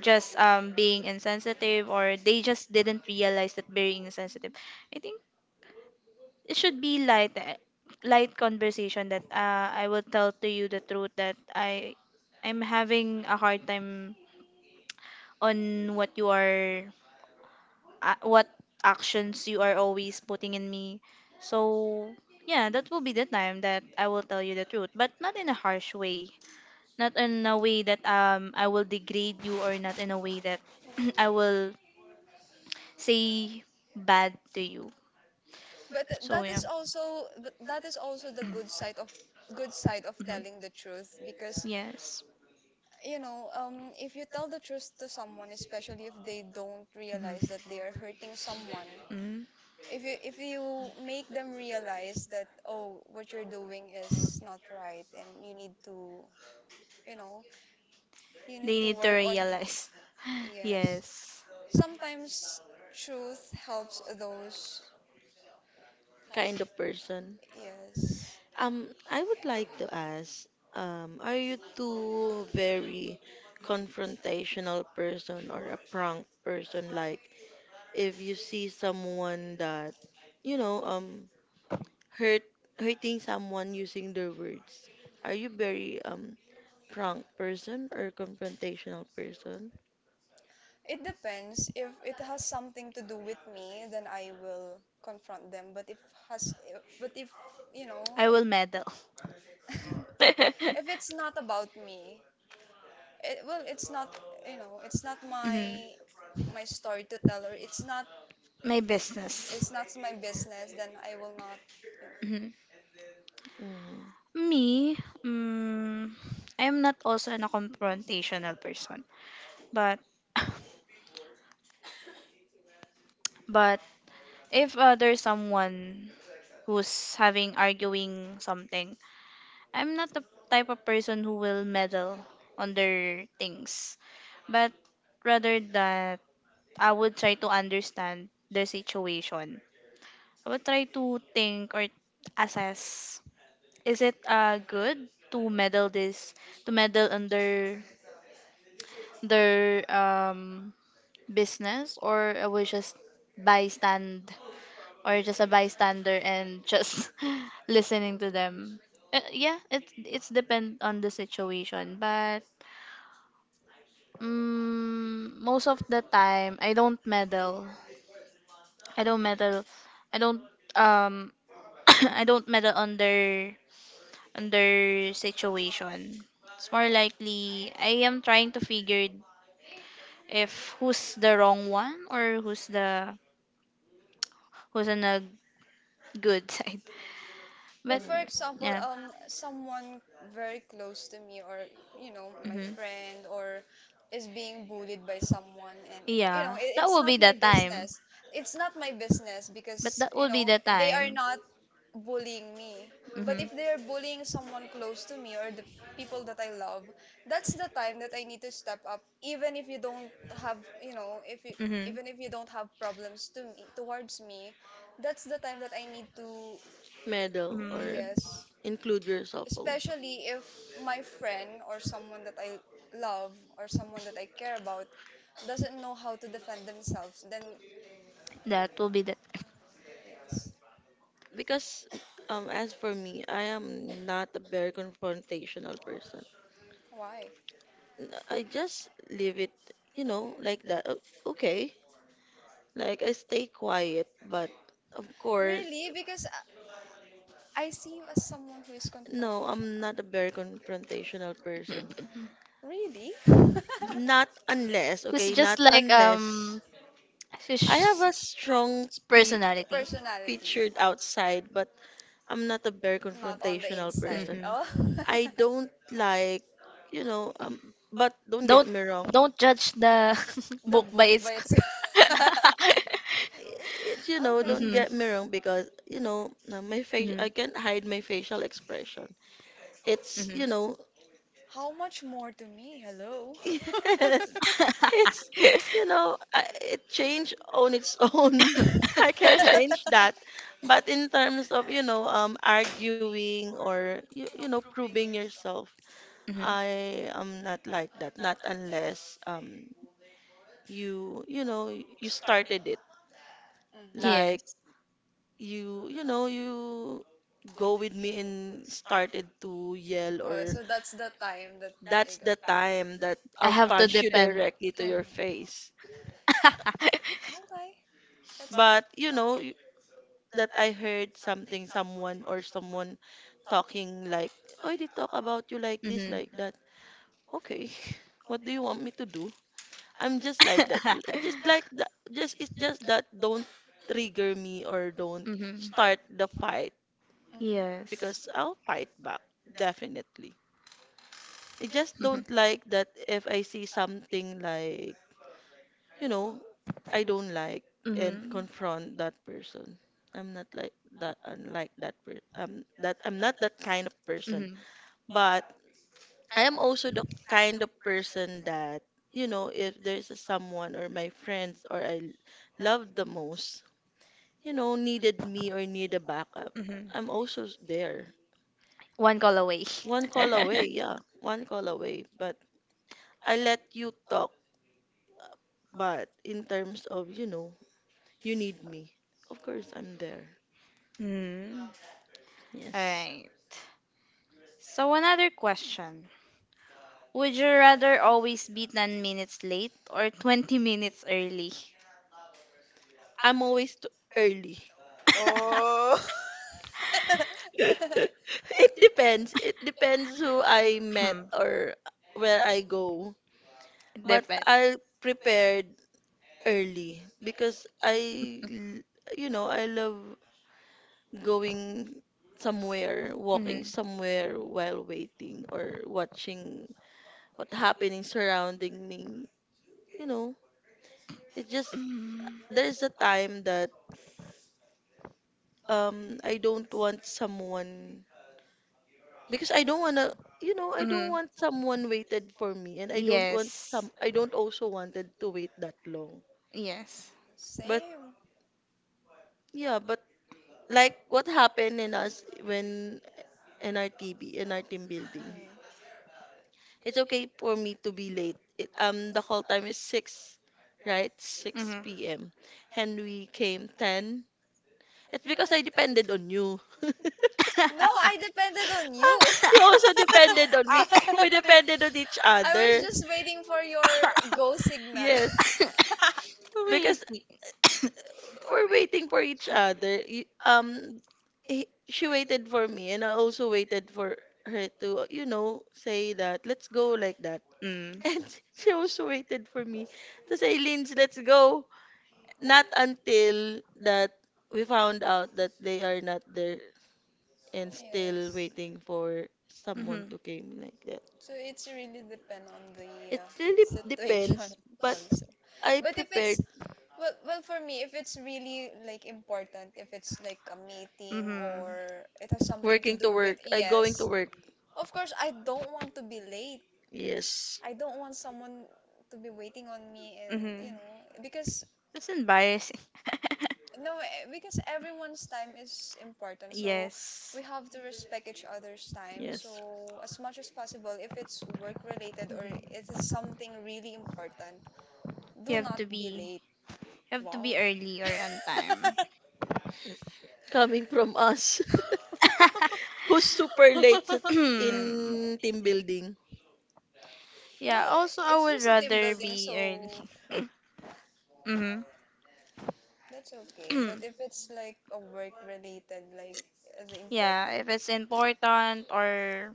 just being insensitive or they just didn't realize that being insensitive, I think it should be light eh, light conversation that I will tell to you the truth that I'm having a hard time on what you are what actions you are always putting in me. So yeah, that will be the time that I will tell you the truth, but not in a harsh way, not in a way that I will degrade you or not in a way that I will say bad to you.
But th-
So
that
yeah.
is also but that is also the good side of
Hmm.
telling the truth because
Yes.
you know, if you tell the truth to someone, especially if they don't
Mhm.
realize that they are hurting someone,
Mhm.
if you make them realize that oh, what you're doing is not right, and you need to, you know, you
They
need to
need to
work on. Y-
realize.
Yes,
Yes.
sometimes truth helps those.
Kind of person.
Yes,
I would like to ask, are you too very confrontational person or a prank person? Like, if you see someone that, you know, hurt hurting someone using their words, are you very prank person or confrontational person?
it depends. If it has something to do with me, then I will confront them. Has, but if you know,
I will
it
meddle.
if it's not about me well it's not you know it's not
Mhm.
my my story to tell or
My business.
it's not my business then I will not you know
Mhm.
Mm-hmm.
Me, mm, I am not also a confrontational person. But but if there's someone who's having arguing something, I'm not the type of person who will meddle on their things. But rather that I would try to understand the situation. I would try to think or assess, is it good to meddle this to meddle under their business, or are we just bystand or just a bystander and just listening to them yeah, it it's depend on the situation, but mm, most of the time I don't meddle, I don't meddle, I don't um I don't meddle under under situation. It's more likely I am trying to figure if who's the wrong one or who's the who's on the good side.
But
But
for
Mm.
example,
yeah.
someone very close to me, or you know, my
Hmm.
friend, or is being bullied by someone, and you know,
Yeah. That
it's
will
not
be
my
the time.
business. It's not my business
But
because
that
you
will be
know
the
they are
time.
not bullying me. But
Hmm
if they are bullying someone close to me or the people that I love, that's the time that I need to step up. Even if you don't have, you know, if you
hmm.
even if you don't have problems to me towards me, that's the time that I need to.
Medal or
Mm,
Yes,
include yourself also.
especially if my friend or someone that I love or someone that I care about doesn't know how to defend themselves, then
that will be that.
yes.
Because, as for me, I am not a very confrontational person.
Why?
I just leave it, you know, like that. Okay. Like, I stay quiet, but of course,
Really? Because I see you as someone who is
no,
confrontational.
I'm not a very confrontational person.
Really?
Not unless,
It's
okay,
just
not
like
unless I
she's
have a
strong
strong pi
personality.
Personality,
pictured outside, but I'm not a very
not on the
confrontational
inside.
person.
Mm-hmm.
Oh,
I don't like, you know, but don't
Don't
get me wrong.
don't judge the
the
book by
book
its.
by its. Okay.
It, you know, don't
Mm-hmm.
get me wrong because, you know, my face, I
Mhm.
can't hide my facial expression. It's,
Mhm.
you know,
How much more to me? Hello.
yes, it's, you know, I, it changed on its own. I can't change that. But in terms of, you know, arguing or, you know, proving yourself,
Mhm.
I am not like that. Not unless you, you know, you started it.
Mm.
Like,
Yes,
you know you go with me and started to yell
Oh,
or
so that's the time that
that's
you got.
the time that
I
I'll
have to
punch you
depend.
directly to your
Mm-hmm.
face.
Okay. That's.
But you know
Mm-hmm.
that I heard something, someone or someone talking like, "Oh, they talk about you like this,
Mhm.
like that." Okay, what do you want me to do? I'm just like that, just like that. Just it's just that don't trigger me or don't
Mhm.
start the fight
Yes.
because I'll fight back definitely. I just don't like that if I see something like, you know, I don't like
Mhm.
and
Mhm.
confront that person. I'm not like that unlike that per that I'm not that kind of person.
Hmm
But I am also the kind of person that, you know, if there's a someone or my friends or I love the most, you know, needed me or need a backup,
hmm.
I'm also there.
One call away.
One call away, yeah, one call away. But I let you talk. But in terms of, you know, you need me, of course I'm there.
Mm. All
Yes.
right. So another question. Would you rather always be 10 minutes late or 20 minutes early?
I'm always too early. It depends. It depends who I met
Hmm.
or where I go.
It
But
depends.
I prepared early because you know, I love going somewhere, walking
Mhm.
somewhere while waiting or watching what happening surrounding me. You know, it just
Mm.
there's a time that I don't want someone because I don't wanna, you know, I don't
Mm-hmm.
want someone waited for me and
Yes.
I don't also wanted to wait that long.
Yes.
But
Same.
yeah, but like what happened in us when NRTB in our team building,
Mm.
it's okay for me to be late it, the call time is 6, right?
Mm-hmm.
6 p.m. And we came 10. It's because I depended on you.
No, I depended on you.
You also depended on me. We
I
depended on each
was
other.
just waiting for your go signal.
Yes,
Wait.
because we're waiting for each other. He, she waited for me, and I also waited for her to, you know, say that let's go like that.
Mm.
And she also waited for me to say, Lynch, let's go. Not until that we found out that they are not there and still
Yes.
waiting for someone
Mm-hmm.
to came like that.
So it's really depend on
It
the
really
situation
depends, but
also.
I
But if
prepared
it's well, well for me, if it's really like important, if it's like a meeting
Mm-hmm.
or it has something to
working to
do with
work. I going to
yes,
work.
of course I don't want to be late.
Yes.
I don't want someone to be waiting on me and you
Mm-hmm.
know because
That's embarrassing.
no eh, because everyone's time is important, so
Yes.
we have to respect each other's time,
Yes.
so as much as possible if it's work related or it is
Mhm.
something really important,
You
do
have
not
to
be
be,
late.
you have to be
Wow.
early or on time.
Coming from us. Who's super late in team building?
Well,
Yeah, also I
it's
would
just a team
rather
building,
be
so
early. Mhm.
that's okay. But if it's like a work related, like the
Yeah,
important.
if it's important or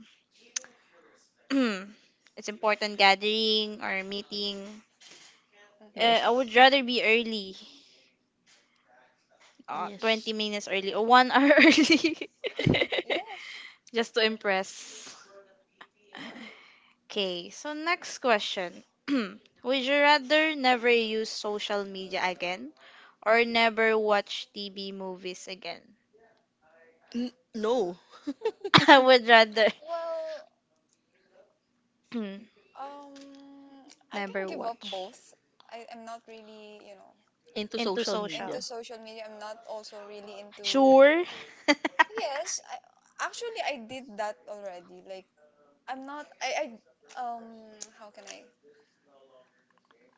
it's important gathering or meeting,
Mhm.
uh, I would
Yes.
rather be early, 20
Yes.
minutes early or 1 hour early,
Yes.
just to impress. Okay, so next question. Would you rather never use social media again or never watch TV movies again?
No.
I would rather
Well, um, I can
never
give up
watch
both. I'm not really, you know,
Into
into
social
social.
into
media.
social media. I'm not also really into.
Sure.
Yes, I, actually, I did that already. Like, I'm not. Um, how can I?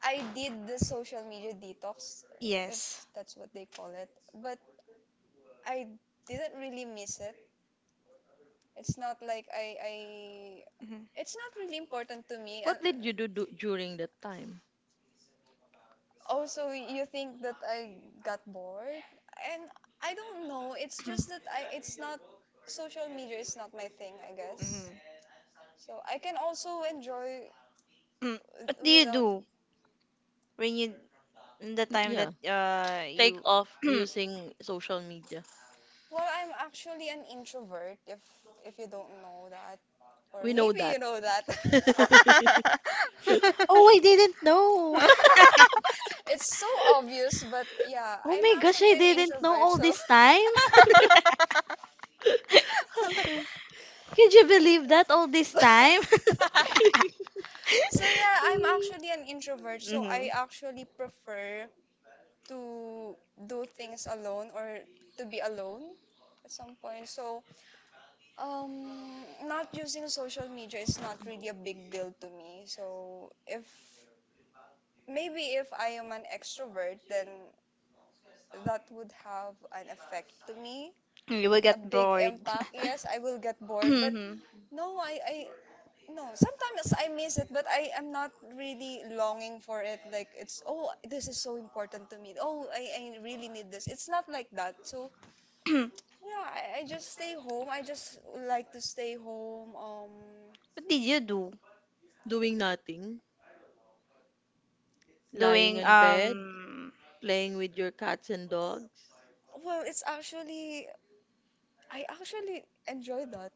I did the social media detox, if
Yes.
that's what they call it, but I didn't really miss it. It's not like I
Mhm.
it's not really important to me. And
What did you do during that time?
also, you think that I got bored, and I don't know. It's just that I, it's not social media is not my thing, I
Mhm.
guess. So I can also enjoy
Mm. What do you
without.
do when you in the time that
Yeah. Take
you?
off using social media.
Well, I'm actually an introvert. If you don't know that. Or
We know
maybe
that.
you know that.
Oh, I didn't know.
It's so obvious, but yeah,
Oh
I'm
my gosh,
actually
I
an
didn't know
introvert.
all
So
this time.
Okay.
Could you believe that all this time?
so yeah, I'm actually an introvert. So I
Mhm.
actually prefer to do things alone or to be alone at some point. So not using social media is not really a big deal to me. So if maybe if I am an extrovert, then that would have an effect to me,
You will
a
get
big
bored.
impact. Yes, I will get bored, but
Mhm.
No, I, I, no. Sometimes I miss it, but I am not really longing for it. Like it's, oh, this is so important to me. I really need this. It's not like that. So yeah, I just stay home. I just like to stay home.
What did you do?
Doing nothing, lying
Doing
in bed, playing with your cats and dogs.
Well, it's actually I actually enjoy that.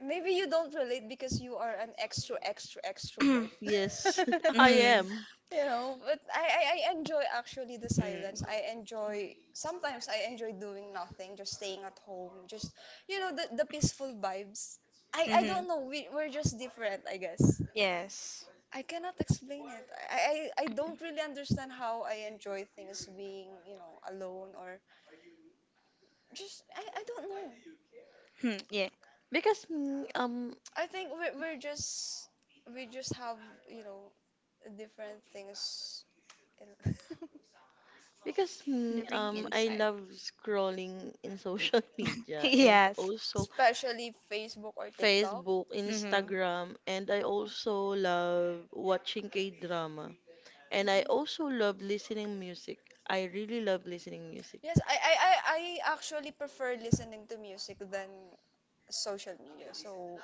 Maybe you don't relate because you are an extrovert.
Yes, I
Mhm.
am.
You know, but I enjoy actually the silence. I enjoy, sometimes I enjoy doing nothing, just staying at home, just, you know, the peaceful vibes. I
Mhm. Mhm.
don't know, we're just different, I guess.
Yes.
I cannot explain it. I don't really understand how I enjoy things being, you know, alone or just, I don't know.
Hmm, yeah.
Because mm, um
I think we're just we just have you know different things, in,
because
The ring
I
inside.
love scrolling in social media and
Yes.
also
especially Facebook or TikTok.
Facebook,
Mhm.
Instagram, and I also love watching K-drama. And I
Mhm.
also love listening music. I really love listening music.
Yes, I actually prefer listening to music than social media. So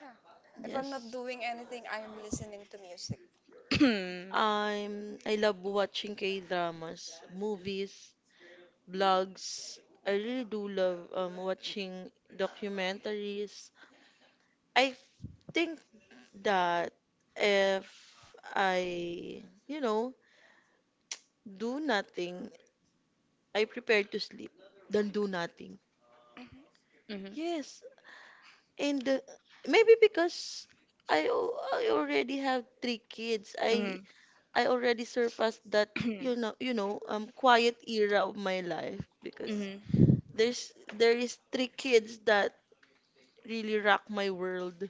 yeah, if I'm not
Yes.
doing anything, I am listening to music.
Mhm.
I love watching K-dramas, movies, blogs. I really do love watching documentaries. I f- think that if I, you know, do nothing, I prepare to sleep than do nothing.
Hmm hmm.
Mhm.
Yes, and maybe because I already have three kids,
Mhm.
I already surpassed that, you know, quiet era of my life because
Mhm.
there is three kids that really rock my world,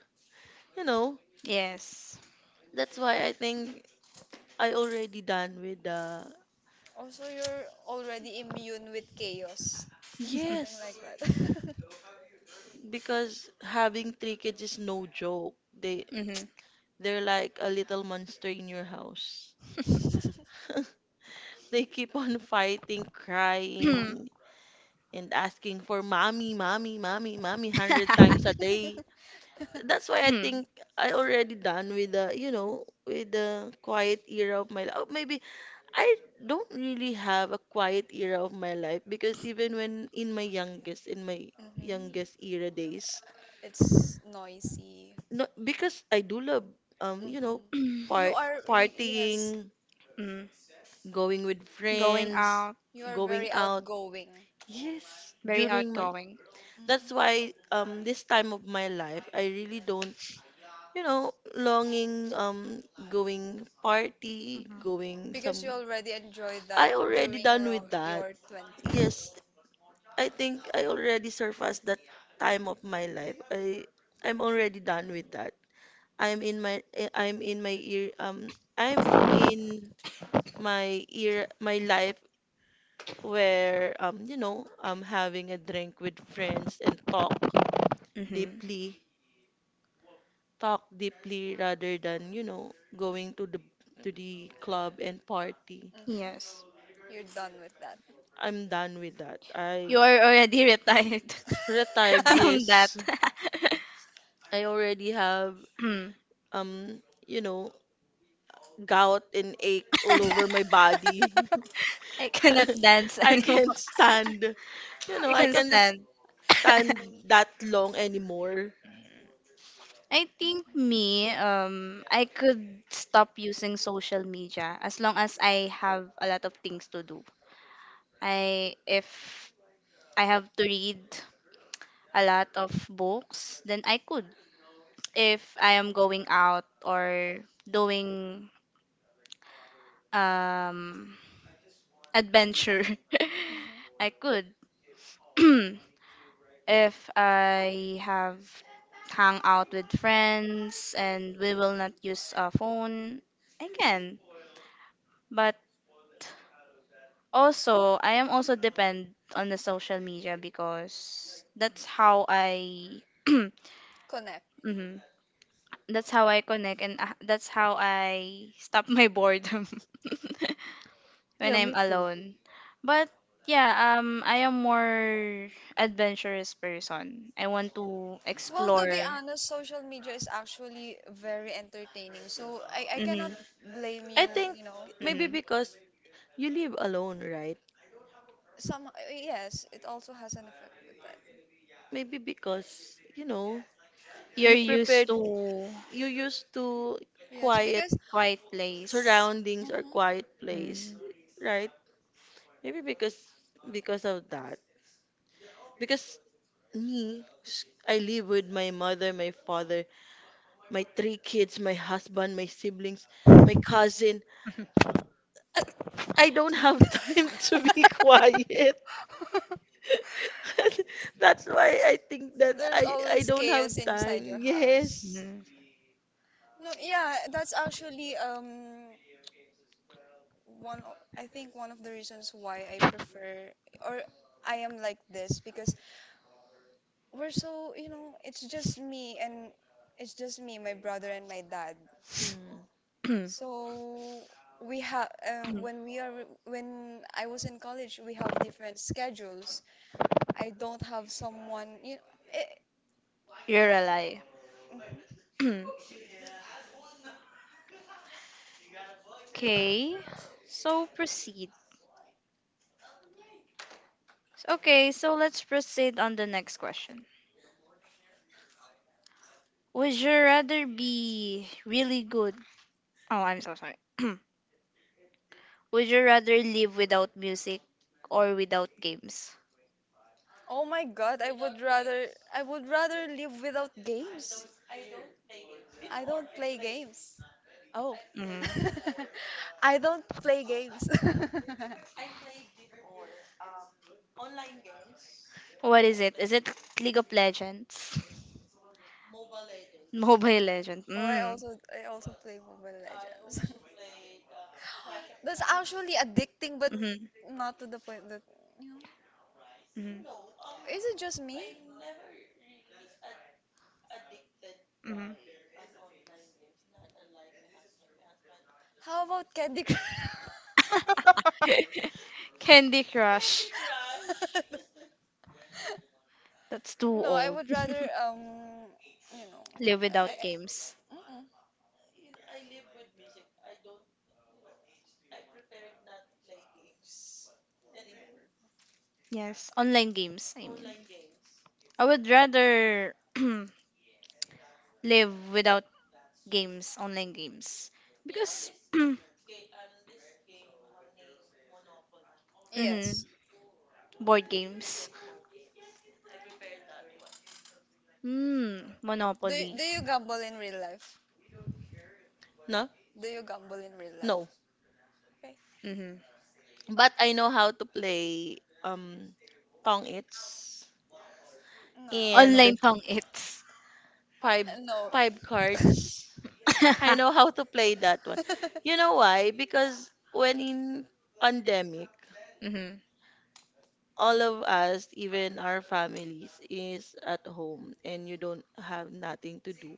you know.
Yes.
That's why I think I already done with the
Also, you're already immune with chaos, something like
yes
that.
because having three kids is no joke. They
Mhm.
they're like a little monster in your house. They keep on fighting crying and asking for mommy mommy mommy mommy 100 times a day. That's why I think I already done with the, you know, with the quiet era of my life. Oh, maybe I don't really have a quiet era of my life because even when in my
Hmm.
youngest era days,
It's noisy.
no, because I do love, you
Hmm.
know,
You
part
are, yes,
partying,
Mm.
going with
Going
friends,
out,
you are
going
very
out.
outgoing.
Yes,
very
during my.
outgoing.
Mhm.
That's why this time of my life, I really don't, you know, longing, going party,
Hmm
going some.
Because you already enjoyed that
I already
during
done with that.
your 20s.
Yes, I think I already surpassed that time of my life. I'm already done with that. I'm in my I'm in my ear I'm in my ear my life where you know I'm having a drink with friends and
hmm.
deeply talk deeply rather than, you know, going to the club and party.
Mhm.
Yes.
You're done with that.
I'm done with that. I
You are already retired
retired,
from that.
yes. I already have
Hmm.
um, you know, gout and ache all over my body.
I cannot dance
I
anymore.
can't stand, you know,
You
I
can
can't
stand.
stand that long anymore.
I think
Mhm.
me, I could stop using social media as long as I have a lot of things to do. I If I have to read a lot of books, then I could. If I am going out or doing um adventure.
Mhm.
I could if I have hang out with friends and we will not use a phone. I can, but also I am also depend on the social media because that's how I
Connect.
Mhm. That's how I connect and that's how I stop my boredom. When
Yeah,
I'm
me too.
alone. But yeah, I am more adventurous person. I want to
Well, to be
explore.
honest, social media is actually very entertaining. So I cannot
Mm-hmm,
blame
I
you,
think
you know.
maybe
mm-hmm.
because you live alone, right?
Some yes, it also has an effect with that.
Maybe because, you know,
You're
you prepare
used to
you used to
Yes,
quiet
because
quiet place.
surroundings or
Mhm.
quiet place,
Mm-hmm.
right? Maybe because of that. Because me, I live with my mother, my father, my three kids, my husband, my siblings, my cousin. I don't have time to be quiet. That's why I think that
there's
I
always
don't have
chaos inside
time.
your house.
Yes.
Mm-hmm.
No, yeah, that's actually I think one of the reasons why I prefer or I am like this because we're so, you know, it's just me and it's just me, my brother, and my dad.
Hmm.
So we have when we are when I was in college, we have different schedules. I don't have someone, you know,
You're a lie.
eh,
Okay. So proceed. Okay, so let's proceed on the next question. Would you rather be really good? Oh, I'm so sorry. Would you rather live without music or without games?
oh my God, I would rather live without games. I don't play games. Oh.
Hmm.
I don't play games.
What is it? Is it League of Legends? Mobile Legend.
Oh, I also play Mobile Legends. That's actually addicting, but
Mm.
not to the point that.
Mm-hmm. Mm-hmm.
Is it just me?
Mm-hmm.
How about Candy Crush?
Candy Crush. That's too
No, I
old.
would rather you know,
Live without
I,
games.
I, mm-mm.
Yes, online games, I mean. I would rather live without games, online games. Because mhm,
Yes.
board games. Mm, Monopoly.
Do you gamble in real life?
No?
Do you gamble in real
No.
life? Okay.
Mhm.
But I know how to play tong its
No, I don't.
Online
and
pang it's.
five
No.
five cards. I know how to play that one. You know why? Because when in pandemic,
Mhm.
all of us, even our families, is at home and you don't have nothing to do.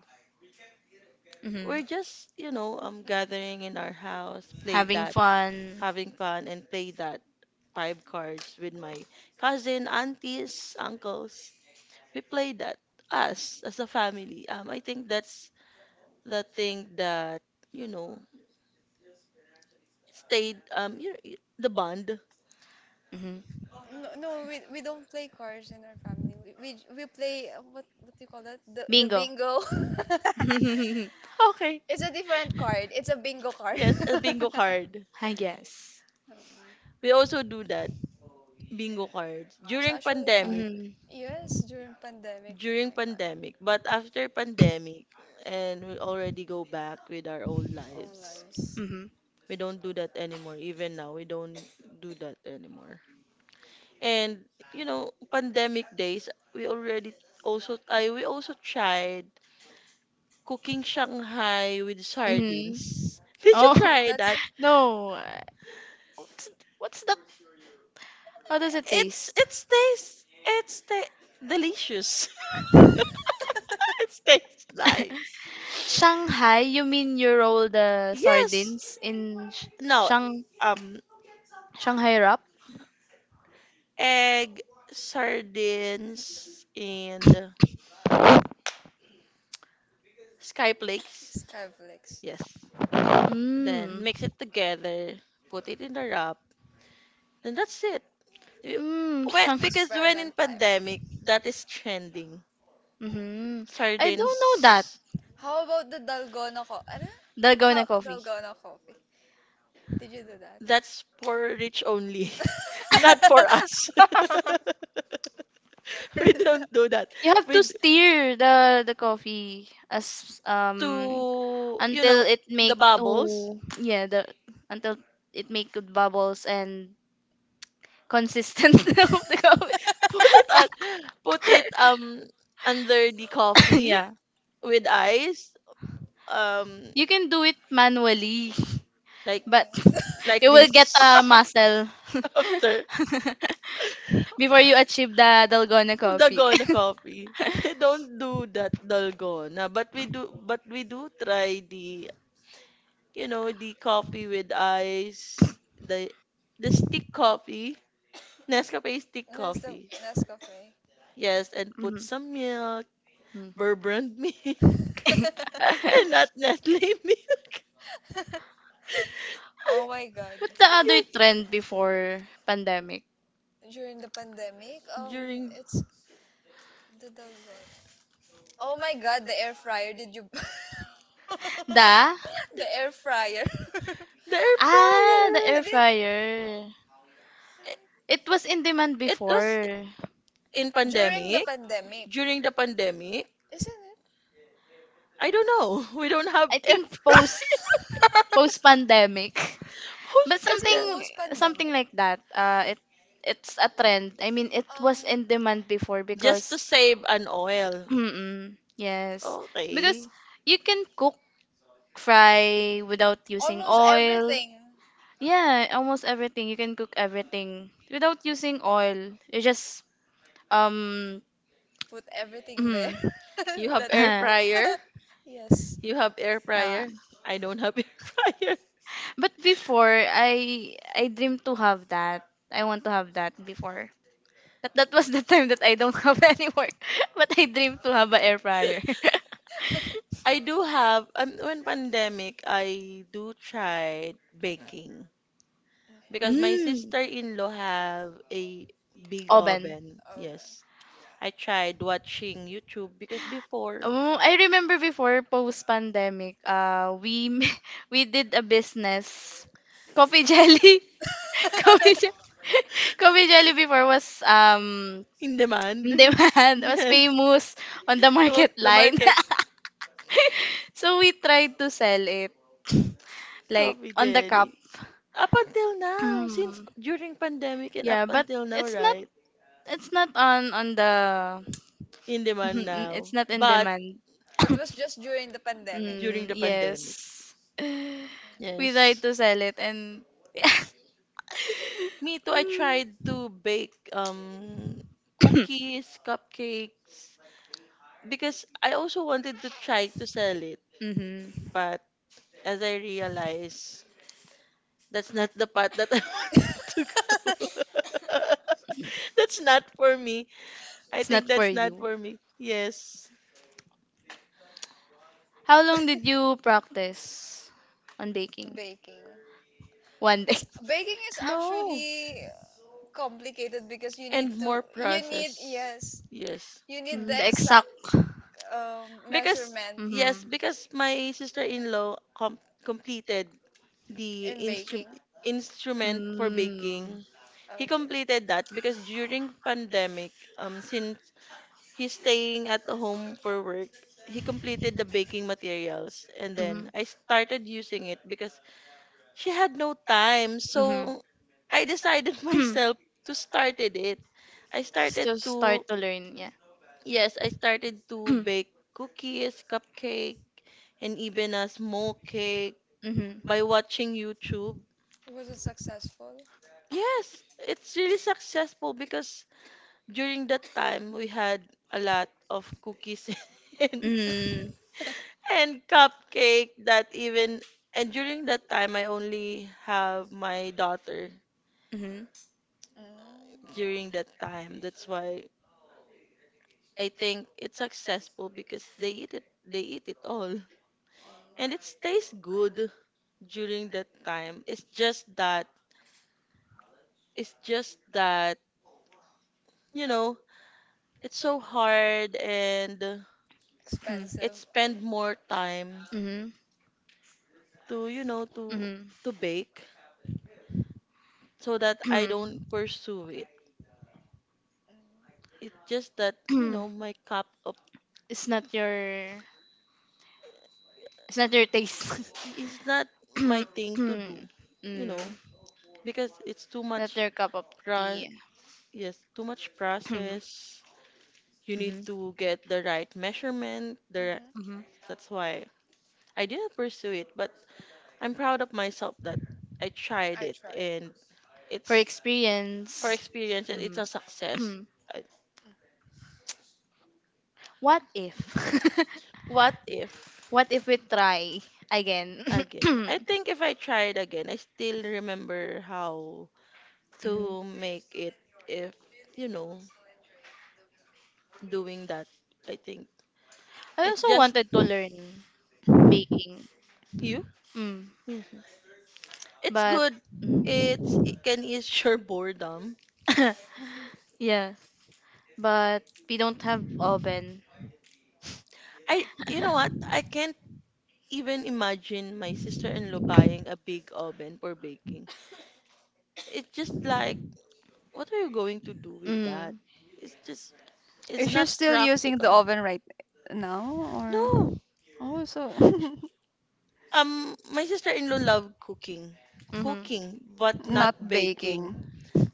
Mhm.
We're just, gathering in our house, play
Having
that,
fun.
having fun, and play that five cards with my cousin, aunties, uncles. We play that us as a family. I think that's the thing that, you know, stayed the bond.
Mhm.
No, no, we don't play cards in our family. We play what do you call that? The
Bingo.
bingo.
Okay.
It's a different card. It's a bingo card.
Yes, a bingo card.
I guess.
We also do that
Mm.
bingo cards
It's
during
actually fun.
pandemic.
Mhm.
Yes, during pandemic.
During
Oh my god.
pandemic, but after pandemic, and we already go back with our old
Own
lives.
lives.
Mm-hmm.
We don't do that anymore. Even now, we don't do that anymore. And pandemic days, we already we also tried cooking Shanghai with
Mm-hmm.
sardines.
You
Did you
Oh
know,
try
that's the
that?
no! Uh, What's, what's the? How does it
It's
taste?
it's taste, delicious. It tastes nice.
Shanghai? You mean you roll the
Yes.
sardines in
No.
Shang
Um.
Shanghai wrap?
Egg, sardines, and sky flakes.
Skyflix.
Yes. Then
Mm.
mix it together, put it in the wrap, then that's it. You-
Mm.
When,
Shang.
because when in
Experiment time.
pandemic, that is trending.
Mm-hmm. I don't
Sardines,
know that.
How about the Dalgona ano? How
Dalgona coffee.
Dalgona coffee? Did you do that?
that's for rich only, not for us. We don't do that.
You have
We
to
d-
stir the coffee as
to, you
until
know,
it
the
make
bubbles.
to yeah the until it make good bubbles and consistent of the coffee.
Put it on, put it under the coffee
Yeah,
with eyes um
you can do it manually,
like
but
Yes.
like
you will get a
this
muscle
after
before you achieve the Dalgona coffee.
dalgona coffee. We don't do that dalgona, but we do try the you know the coffee with ice, the stick coffee, Nescafe stick
Nas
coffee,
Nescafe.
yes, and
Mhm.
put some milk,
Mm.
Burbrand milk, and not Nestle milk.
Oh my god.
What's the other
Yes.
trend before pandemic?
During the pandemic,
During
it's the dalgona. Oh my god, the air fryer. Did you
The
the air fryer?
the air
ah, the
fryer,
air
The-
fryer.
it,
It was in demand
it does
before.
in
during the
pandemic,
pandemic.
during the pandemic,
Isn't it?
I don't know. We don't have
I
air
think
fryer
post post pandemic.
post
But
Is it
something
pandemic.
post
something
pandemic?
like that. Uh, it it's a trend. I mean, it was
Um
in demand before
Just to
because
save an oil.
mm-mm. Yes. Because
Okay.
you can cook fry without using
almost
oil.
everything.
Yeah, almost everything. You can cook everything without using oil. You just um
Put everything there.
You have
Let
air
them cook.
fryer?
Yes.
You have air
Uh,
fryer? I don't have air fryer.
but before I dream to have that. I want to have that before. But that was the time that I don't have any work. But I dream to have a air fryer.
I do have when pandemic I do try baking because
Mhm.
my
Mm.
sister-in-law have a big
Oven.
oven.
Okay.
Yes. I tried watching YouTube because before
Oh, I remember before post pandemic, we we did a business coffee jelly. Coffee jelly. Coffee jelly before was
in demand.
demand was
Yes,
famous on the
it was
market
the
line.
market
So we tried to sell it like
coffee
on the cup.
jelly. Up until now, since
Mm.
during pandemic and up
Yeah, but
until now,
it's not,
right?
it's not on on the
In demand now.
it's not in
But
demand.
It was just during the pandemic.
during
Mm,
the pandemic.
yes. We tried
Yes.
to sell it and
Me too, I tried
mm-hmm.
to bake cookies, cupcakes, because I also wanted to try to sell it, but as I realized that's not the path that I wanted to go. That's not for me. I
It's
think
not for
that's not
you.
for me. Yes.
How long did you practice on baking?
Baking.
One day.
It's baking is
No.
actually complicated because
And more
you need
process.
yes,
Yes.
you need
Mm,
the
the
exact
exact.
Because
measurement
Mm-hmm.
yes,
Mm.
because my sister-in-law completed the
in
instru
baking.
instrument for
Mm-hmm.
baking. He
Okay.
completed that because during pandemic, since he's staying at home for work. He completed the baking materials and then I started using it because she had no time. So I decided
Mm-hmm.
myself to started it. I
Still
started
start
to
to learn, yeah.
yes, I started to bake cookies, cupcake, and even a small cake
Mm-hmm.
by watching YouTube.
Was it successful?
Yes, it's really successful because during that time we had a lot of cookies and
Mm-hmm.
and cupcake that even and during that time I only have my daughter
Mm-hmm.
Mm,
during that time. That's why I think it's successful because they eat it all. And
mm.
it tastes good during that time. It's just that, you know, it's so hard and it
Expensive.
spend more time
Mm-hmm.
to, you know,
Mm-hmm.
to bake so that I
Hmm.
don't pursue it.
Mm,
It's just that, you know, my cup of
It's not your, it's not your taste.
it's not my thing to do,
Mm.
you know, because it's
Not your cup of
pro
tea.
yes, too much
Mhm.
process. You need
Mhm.
to get the right measurement. The
Mm-hmm.
Mhm.
that's why I didn't pursue it, but I'm proud of myself that I tried
I
it
tried.
and
For
it's for
experience.
experience and it's
Mhm.
a success. I-
Mm.
What if?
What if
What if we try again?
again? I think if I tried again, I still remember how
Mhm.
to make it if you know. Doing that, I think.
I
It's
also
just
wanted to learn baking.
you.
Mm.
Hmm. It's
But
good.
mm.
It can ease your boredom.
Yeah, but we don't have oven.
I You know what? I can't even imagine my sister-in-law buying a big oven for baking. It's just like, what are you going to do with that?
Mm.
It's just it's
Is she
not
still
prac.
using the oven right now
No.
or? Oh, so
My sister-in-law love cooking.
Mm-hmm.
Cooking, but not
not
baking.
baking,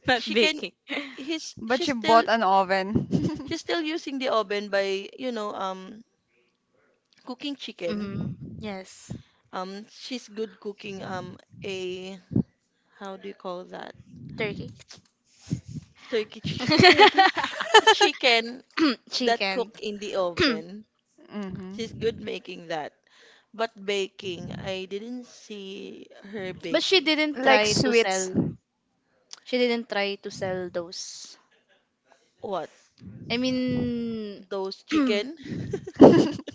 Not
She can
baking.
he's
but you bought an oven.
she's still using the oven by, cooking chicken.
Mm-hmm. Yes,
She's good cooking a how do you call that?
turkey,
Turkey chicken.
Turkey?
Chicken that
chicken.
cook in the oven. She's
hmm
good making that. But baking, I didn't see her
But she
baking.
didn't
Like
try to sell.
sweets.
She didn't try to sell those.
What?
I mean,
Those chicken?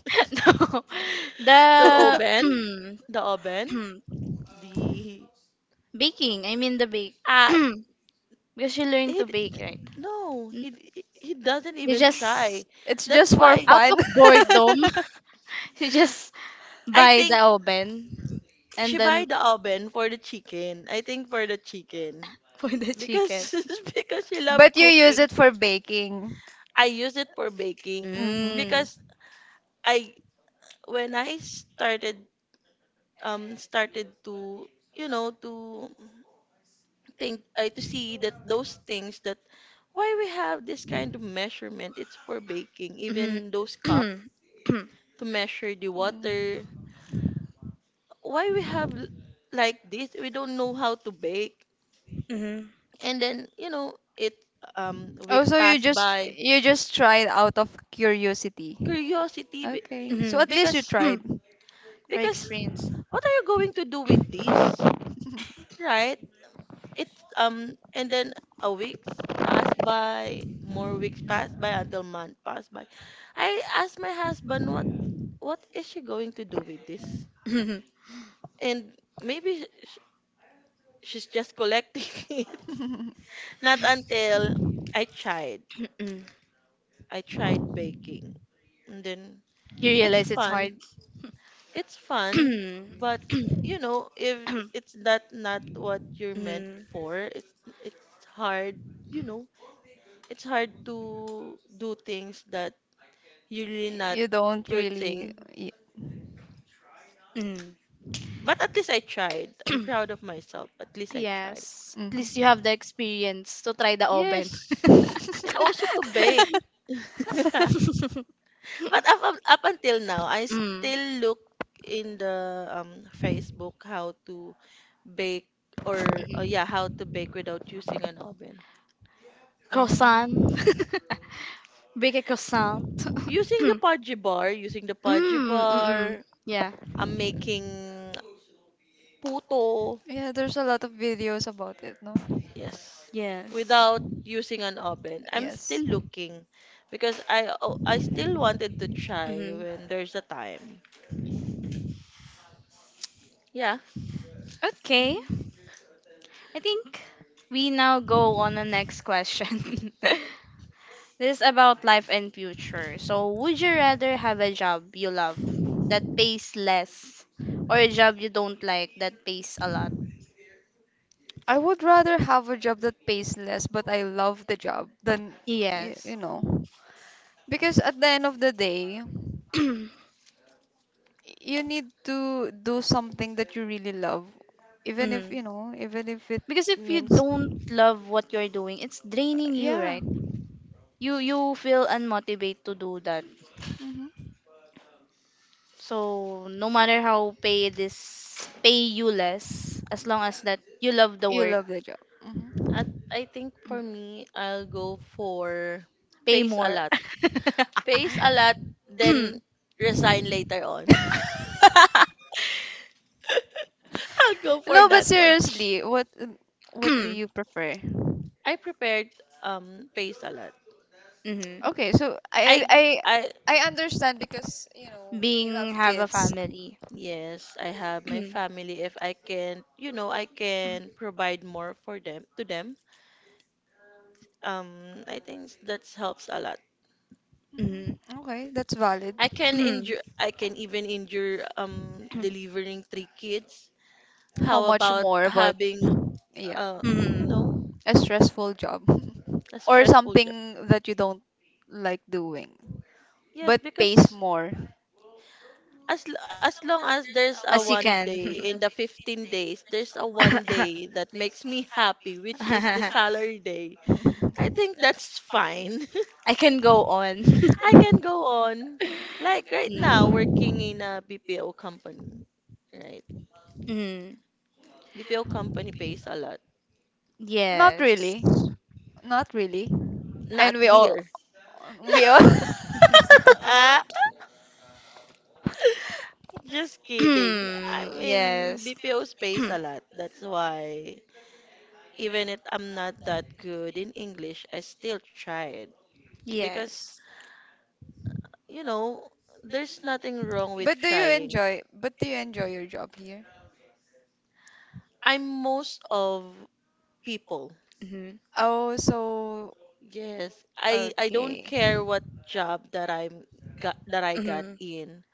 no,
The
the
oven? The oven? The
baking. I mean the bake.
ah
Because she learned
He
to bake, right?
no,
N-
he d- he doesn't
You
even
just
try.
It's
That's
just for
why
out
fun,
of boredom, you just
I
buy the
think
oven and
she buy
then
the oven for the chicken. I think for the chicken.
for the
Because
chicken.
because she love
but you use it for baking.
I use it for baking.
Mm-hmm.
Mm.
Because I when I started um started to you know to think, I to see that those things that, why we have this kind of measurement, it's for baking,
Mhm.
even those cup to measure the
Mm.
water. Why we have like this, we don't know how to bake,
Mhm.
and then you know it week
Oh, so you
passed
just
by.
you just tried out of curiosity.
Curiosity, be-
Okay. So
Mhm.
at least you tried.
For
because
experience.
what are you going to do with this, right? It's um and then a week passed by, more weeks passed by, until month passed by. I asked my husband, what is she going to do with this? And maybe she's just collecting it, not until i tried
Mhm.
I tried baking, and then
You
it's
realize it's hard.
fun. It's fun, but you know, if
Mm.
it's that not what you're meant for, it's hard, you know, it's hard to do things that you really not
You don't
your
really.
thing.
Mm. Mm.
But at least I tried. I'm proud of myself. At least I tried.
Yes. At least you
Mhm.
have the experience to try the oven.
Yes. And also to bake. But up until now, I
Mm.
still look in the Facebook how to bake, or yeah, how to
Mhm.
bake without using an oven.
Mhm.
Croissant. Bake a croissant.
Using the
Mm.
Pudgy bar, using the Pudgy
Mm. Mm.
bar,
Yeah.
I'm making puto.
Yeah, there's a lot of videos about it, no?
Yes.
Yes.
Without using an oven. I'm still
Yes.
looking because I still wanted to try
Hmm.
when there's a time. Yeah.
Okay. I think we now go on the next question. This is about life and future. So, would you rather have a job you love that pays less or a job you don't like that pays a lot?
I would rather have a job that pays less, but I love the job than, you
Yes.
know, because at the end of the day, you need to do something that you really love, even if,
Mm.
you know, even if it
Because if you
means,
don't love what you're doing, it's draining you,
yeah,
right? You feel unmotivated to do that.
hmm
So no matter how pay this pay you less, as long as that you love the
you
work.
love the job.
I think for me, I'll go for
Pay
pays a
more.
lot. Pays a lot, then resign later on. I'll go for
No, but
that one.
seriously, what do you prefer?
I prepared pays a lot.
Mhm.
Okay, so I I
I
I
I
I understand because, you know, you have
Being have a
kids.
family.
Yes, I have my family. If I can, I can provide more for them, to them. I think that helps a lot.
Mhm.
Mhm. Okay, that's valid.
I can endure. I can even endure delivering three kids.
How
How
much
about
more, but
having
yeah.
uh you
Mhm.
know
A stressful job
a
or
stressful
something
job?
that you don't like doing but
Yes,
pays
because
more.
as long as there's a
As you
one
can.
day in the 15 days, there's a one day that makes me happy, which is the salary day. I think that's fine.
I can go on.
I can go on. Like right now,
Mhm.
working in a BPO company, right?
Mhm.
BPO company pays a lot.
Not
Yes.
really. Not really. And
Not
we all
here.
we all
Ah, just kidding. I mean,
Yes.
BPOs pays a lot. That's why, even if I'm not that good in English, I still tried because,
Yes.
you know, there's nothing wrong with
But do you
trying.
enjoy but do you enjoy your job here?
I'm most of people
Mhm.
Oh, so
Yes, I don't
okay.
care what job that I got
Mhm.
in.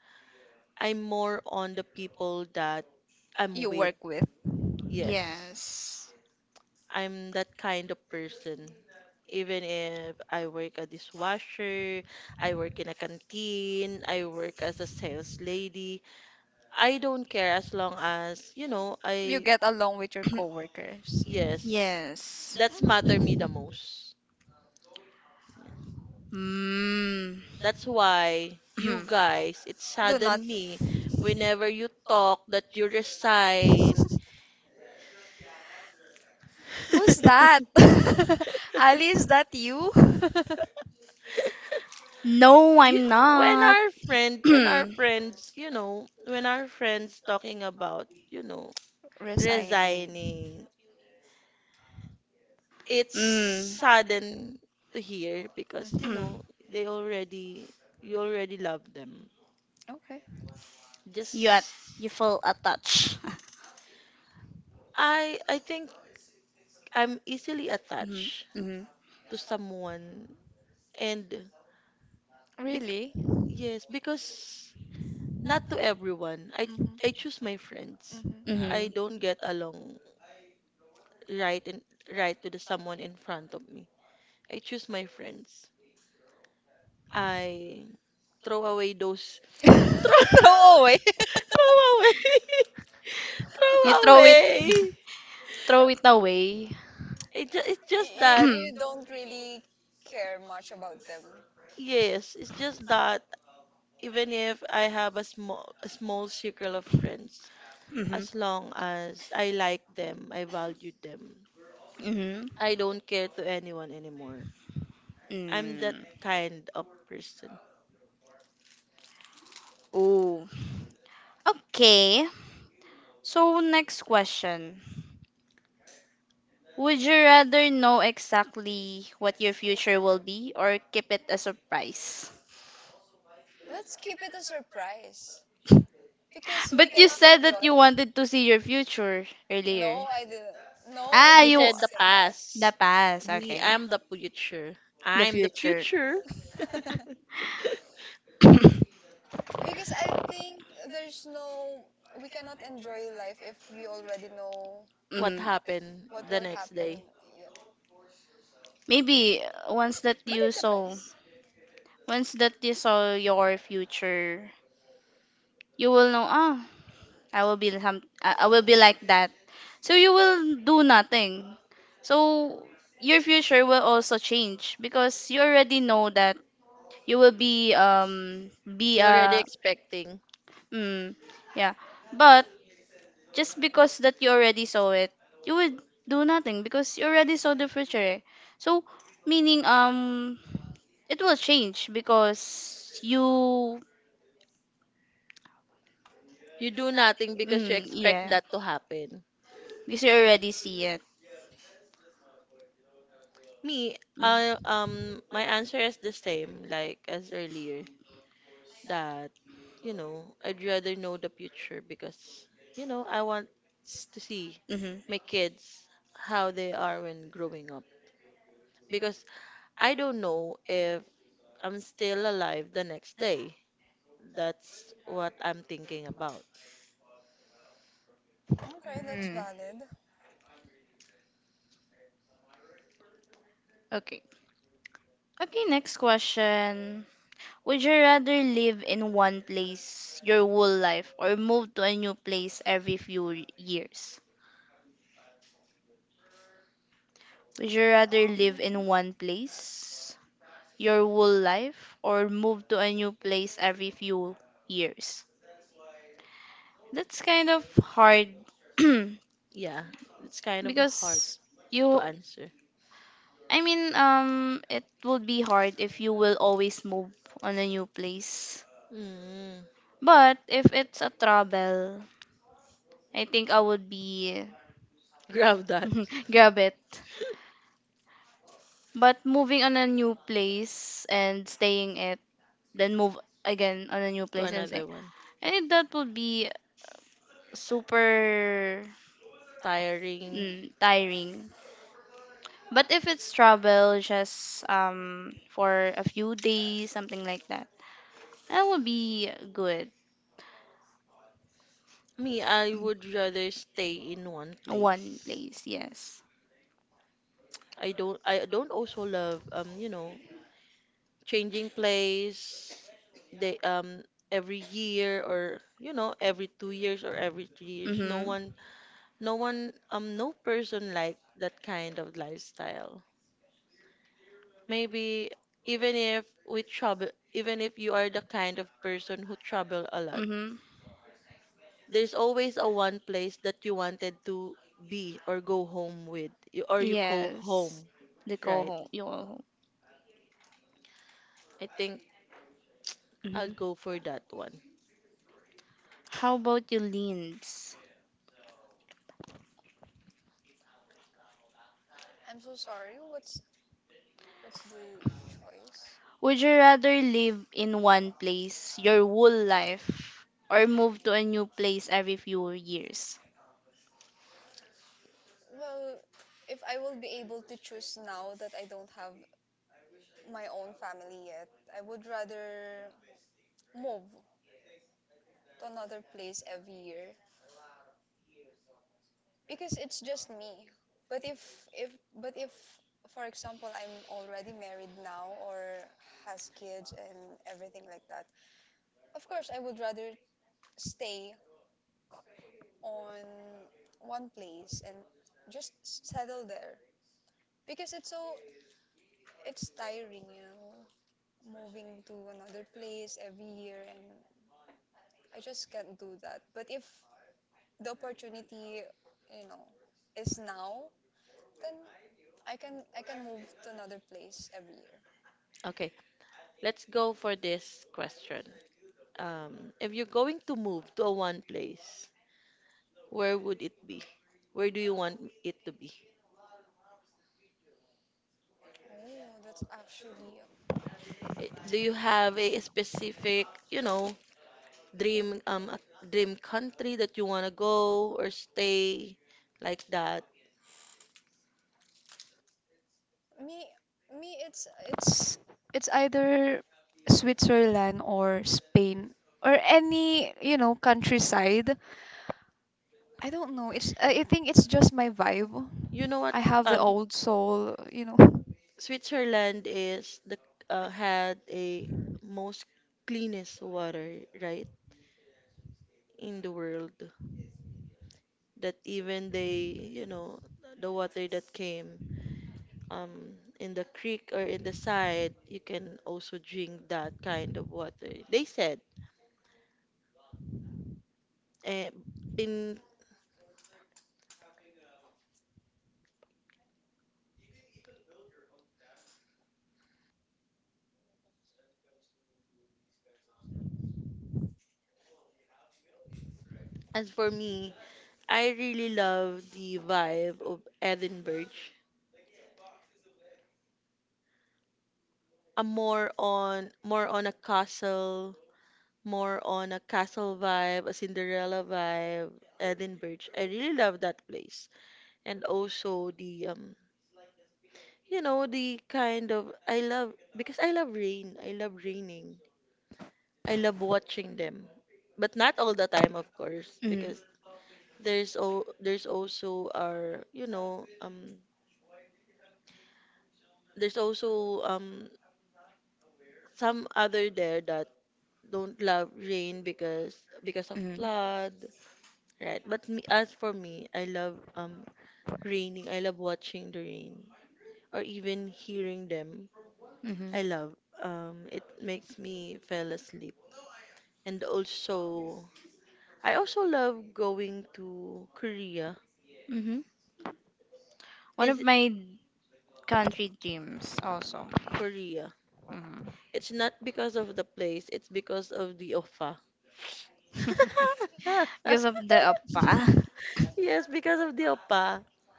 I'm more on the people that I'm
You
with.
work with.
Yes,
Yes.
I'm that kind of person. Even if I work a dishwasher, I work in a canteen, I work as a sales lady, I don't care, as long as,
You get along with your coworkers.
yes,
Yes.
that's matter me
Mhm.
the most.
Mm.
That's why you guys, it's
Do not.
suddenly, whenever you talk that you resign.
Who's that? Ali, is that you?
No,
You,
I'm
when
not.
our friend, when our
mm.
friends, you know, when our friends talking about,
Resigning.
resigning, it's
Mm.
sudden to hear because,
Mm-hmm.
they already, you already love them.
Okay.
you at
Just,
you feel attached.
I think I'm easily
Mhm.
attached
Mhm.
to someone and
Really?
yes, because not to
Mm-hmm.
everyone. I choose my friends.
Mm-hmm.
I
Mhm.
don't get along right and right to the someone in front of me. I choose my friends. I throw away those throw
Throw away.
throw away
You
throw
throw it.
away.
Throw it away.
It's just that,
You don't really care much about them.
yes, it's just that even if I have a small circle of friends,
Mm-hmm.
as long as I like them, I value them.
Mm-hmm.
I don't care to anyone anymore. I'm that
Mm.
kind of person.
Ooh. Okay. So next question. Would you rather know exactly what your future will be or keep it a surprise?
Let's keep it a surprise because we
But you
cannot
said that you wanted to see your future
enjoy.
earlier.
No, I did. No, I
Ah,
She
did not
you
said the
say
the
past.
past.
Me,
Okay.
I'm the future.
The
I'm the
future.
future.
that. Because I think there's no, we cannot enjoy life if we already know
What
Mm-hmm.
happened
what
the
will
next
happen.
day?
Yep.
Maybe once that
But
you
it
saw
depends.
once that you saw your future. You will know, ah, I will be some I will be like that. So you will do nothing, so your future will also change because you already know that you will be
You're already
a
expecting.
mm, yeah, but just because that you already saw it, you would do nothing because you already saw the future, eh. So, meaning, it will change because you,
You do nothing because you expect
yeah,
that to happen.
because you already see it.
Me,
Mm.
my answer is the same like as earlier. That, I'd rather know the future because, I want to see
Mm-hmm.
my kids how they are when growing up. Because I don't know if I'm still alive the next day. That's what I'm thinking about.
Okay, that's
Mm,
valid.
okay. Okay, next question. Would you rather live in one place your whole life or move to a new place every few years? Would you rather live
Um,
in one place your whole life or move to a new place every few years? That's kind of hard.
Yeah, it's kind of hard
Because
to
you,
answer.
I mean, it would be hard if you will always move on a new place.
Mm,
But if it's a travel, I think I would be,
grab that
grab it. But moving on a new place and staying it, then move again on a new
to
place and stay,
another one.
I think that would be super,
Tiring.
tiring. But if it's travel just for a few days, something like that, that would be good.
Me, I would rather stay in one
One
place.
place, yes.
I don't also love changing place, they every year or every 2 years or every 3 years.
Mhm.
No person like that kind of lifestyle. Maybe, even if we travel, even if you are the kind of person who travel a lot,
Mhm.
there's always a one place that you wanted to be or go home or you call
Yes,
home.
the go
Right,
home. You all home.
I think I'll
Hmm.
go for that one.
How about you, Linz?
I'm so sorry. What's the choice?
Would you rather live in one place your whole life or move to a new place every few years?
Well, if I will be able to choose now that I don't have my own family yet, I would rather move to another place every year because it's just me. But if for example I'm already married now or has kids and everything like that, of course I would rather stay on one place and just settle there because it's tiring, you know, moving to another place every year and I just can't do that. But if the opportunity, you know, is now. Then I can move to another place every year.
Okay. Let's go for this question. If you're going to move to a one place, where would it be? Where do you want it to be?
Oh, that's actually
Do you have a specific, you know, dream, a dream country that you want to go or stay like that?
me me it's either Switzerland or Spain or any, you know, countryside. I don't know. It's I think it's just my vibe.
You know what?
I have the
Um,
old soul, you know.
Switzerland is the, had a most cleanest water, right, in the world. That even they, you know, the water that came um in the creek or in the side, you can also drink that kind of water, they said. And in, as for me, I really love the vibe of Edinburgh. A more on a castle, more on a castle vibe, a Cinderella vibe. Edinburgh, I really love that place. And also the, you know, the kind of, I love, because I love raining. I love watching them, but not all the time, of course,
Mm,
because there's also our you know there's also some other there that don't love rain because of
mm,
flood, right? But me, as for me, I love raining. I love watching the rain or even hearing them.
mm-hmm,
I love, it makes me fell asleep. And also, I also love going to Korea.
mm-hmm. One of
Is
my country dreams also.
Korea.
Hmm.
It's not because of the place, it's because of the OPA.
Because of the apa.
Yes, because of the OPA.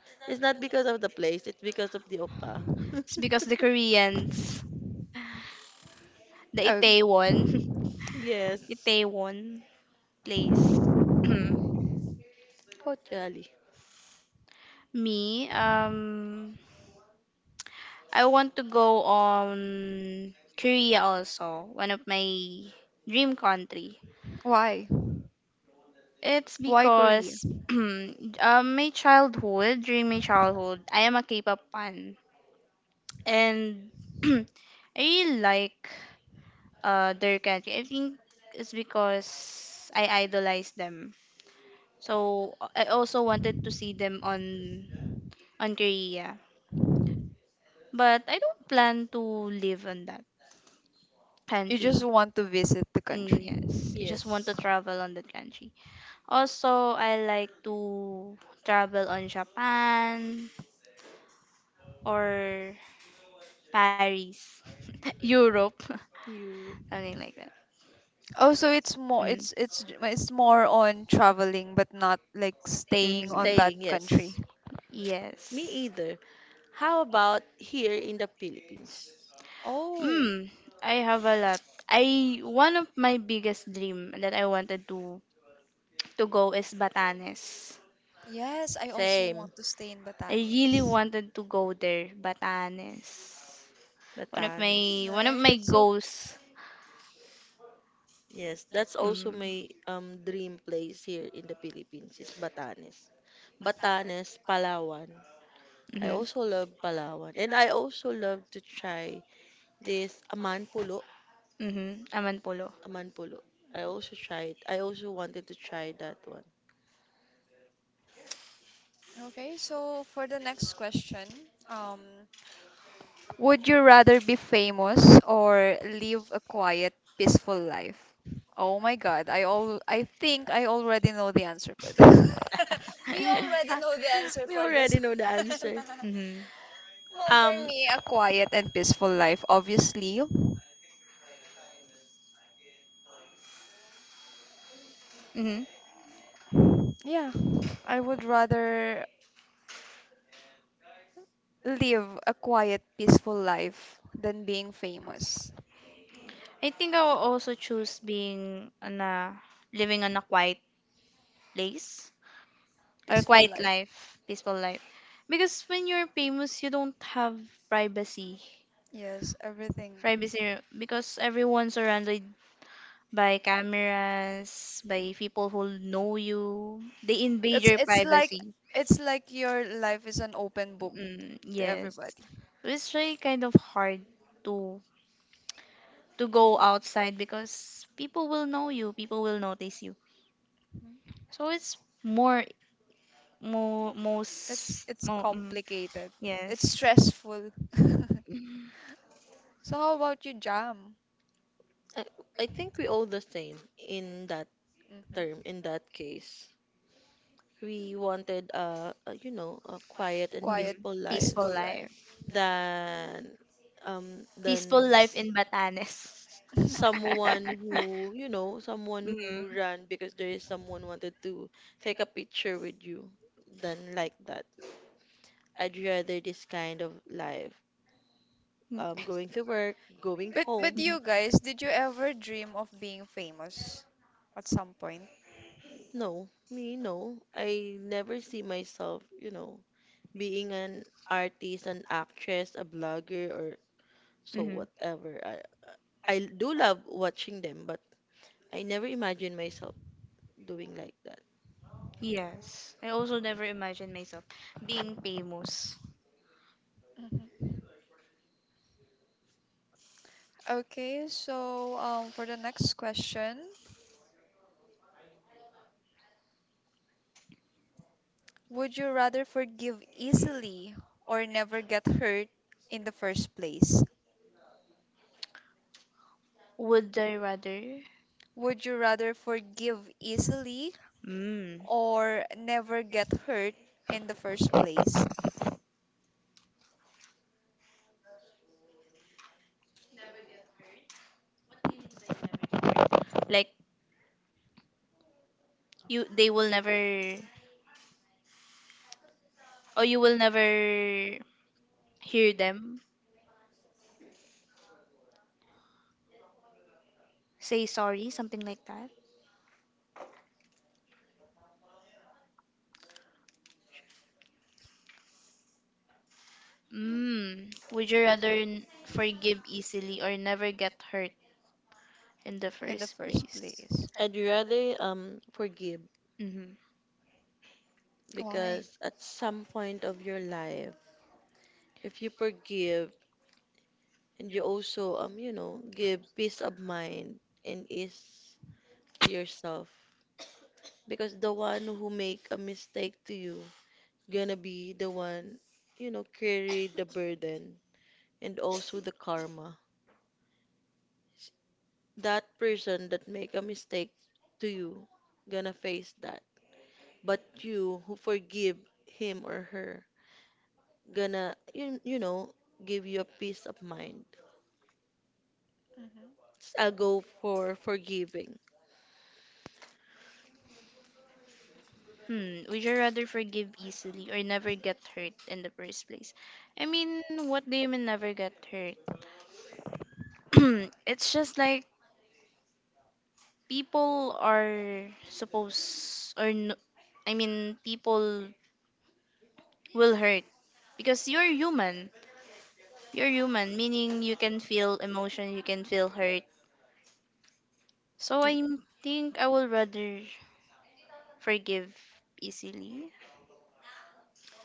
It's not because of the place, it's because of the OPA.
It's because the Koreans, the
Oh,
Itaewon,
Yes.
Itaewon place.
Oh, jolly.
Me, I want to go on Korea also, one of my dream country.
why?
It's
Why Korea?
because my childhood, during my childhood, I am a K-pop fan. And I really like their country. I think it's because I idolize them. So I also wanted to see them on Korea. But I don't plan to live in that
You just
country.
want to visit the
Mm,
country.
yes, I just want to
Yes.
travel on that country. Also, I like to travel on Japan or Paris, Europe,
Europe.
something like that.
Oh, so it's more it's
Mm.
it's it's more on traveling but not like staying on
Hmm.
that
Staying, yes.
country.
Me
Yes.
either. How about here in the Philippines?
Oh,
Mm, I have a lot. I One of my biggest dream that I wanted to go is Batanes.
yes, I also
Same.
want to stay in
I really
Batanes.
wanted to go there, Batanes. One of
Batanes.
my one of
Right?
my
It's so
goals.
Yes, that's also
Mm-hmm.
my dream place here in the Philippines is Batanes. Batanes, Palawan. I also love Palawan and I also love to try this Amanpulo,
Mm-hmm. Aman polo.
Amanpulo. I also tried. I also wanted to try that one.
okay, so for the next question, um would you rather be famous or live a quiet, peaceful life? Oh my God, I think I already know the answer for this. We already
Ah,
know the answer
we
for this
already know the
one.
answer.
Mm-hmm.
Well, for
Um,
me, a quiet and peaceful life, obviously.
Mm-hmm.
Yeah, I would rather live a quiet, peaceful life than being famous.
I think I will also choose being on a living on a quiet place or
Peaceful
quiet
life.
life, peaceful life. Because when you're famous, you don't have privacy.
Yes, everything.
Privacy, because everyone's surrounded by cameras, by people who know you. They invade
It's
your
it's like
privacy.
it's like your life is an open book
Mm,
to
yes.
everybody.
It's really kind of hard to to go outside because people will know you, people will notice you. So it's more, more,
It's
most,
it's
more, mm,
complicated. It's
yes,
stressful. So how about you, Jam?
I, I think we all the same in that term,
hmm
in that case. We wanted, you know, a quiet and
Quiet,
mm-hmm.
peaceful life.
peaceful
peaceful
life,
life.
than um
peaceful
than
life
s-
in Batanes.
someone, who you know, someone
Mm-hmm.
who ran because there is someone wanted to take a picture with you, than like that. I'd rather this kind of life, going to work, going
But
home.
Mhm.
you guys, did you ever dream of being famous at some point?
No, me, no, I never see myself, you know, being an artist, an actress, a blogger, or so
Mhm.
whatever. I do love watching them, but I never imagine myself doing like that.
Yes. I also never imagined myself being famous.
Mhm. Okay, so for the next question, would you rather forgive easily or never get hurt in the first place?
Would I rather?
Would you rather forgive easily
Mm.
or never get hurt in the first place?
Like, you they will never, or you will never hear them say sorry, something like that. Mm. Would you rather forgive easily or never get hurt in the
In the
first
first
place?
place.
I'd rather, forgive,
Mm-hmm.
Why?
because at some point of your life, if you forgive and you also, you know, give peace of mind and ease to yourself, because the one who make a mistake to you gonna be the one, you know, carry the burden and also the karma. That person that make a mistake to you gonna face that, but you who forgive him or her gonna, you know, give you a peace of mind.
hmm
I'll go for forgiving.
Hmm. Would you rather forgive easily or never get hurt in the first place? I mean, what do you mean never get hurt? It's just like people are supposed, or no, I mean people will hurt because you're human. You're human, meaning you can feel emotion, you can feel hurt. So
Mm.
I think I will rather forgive easily,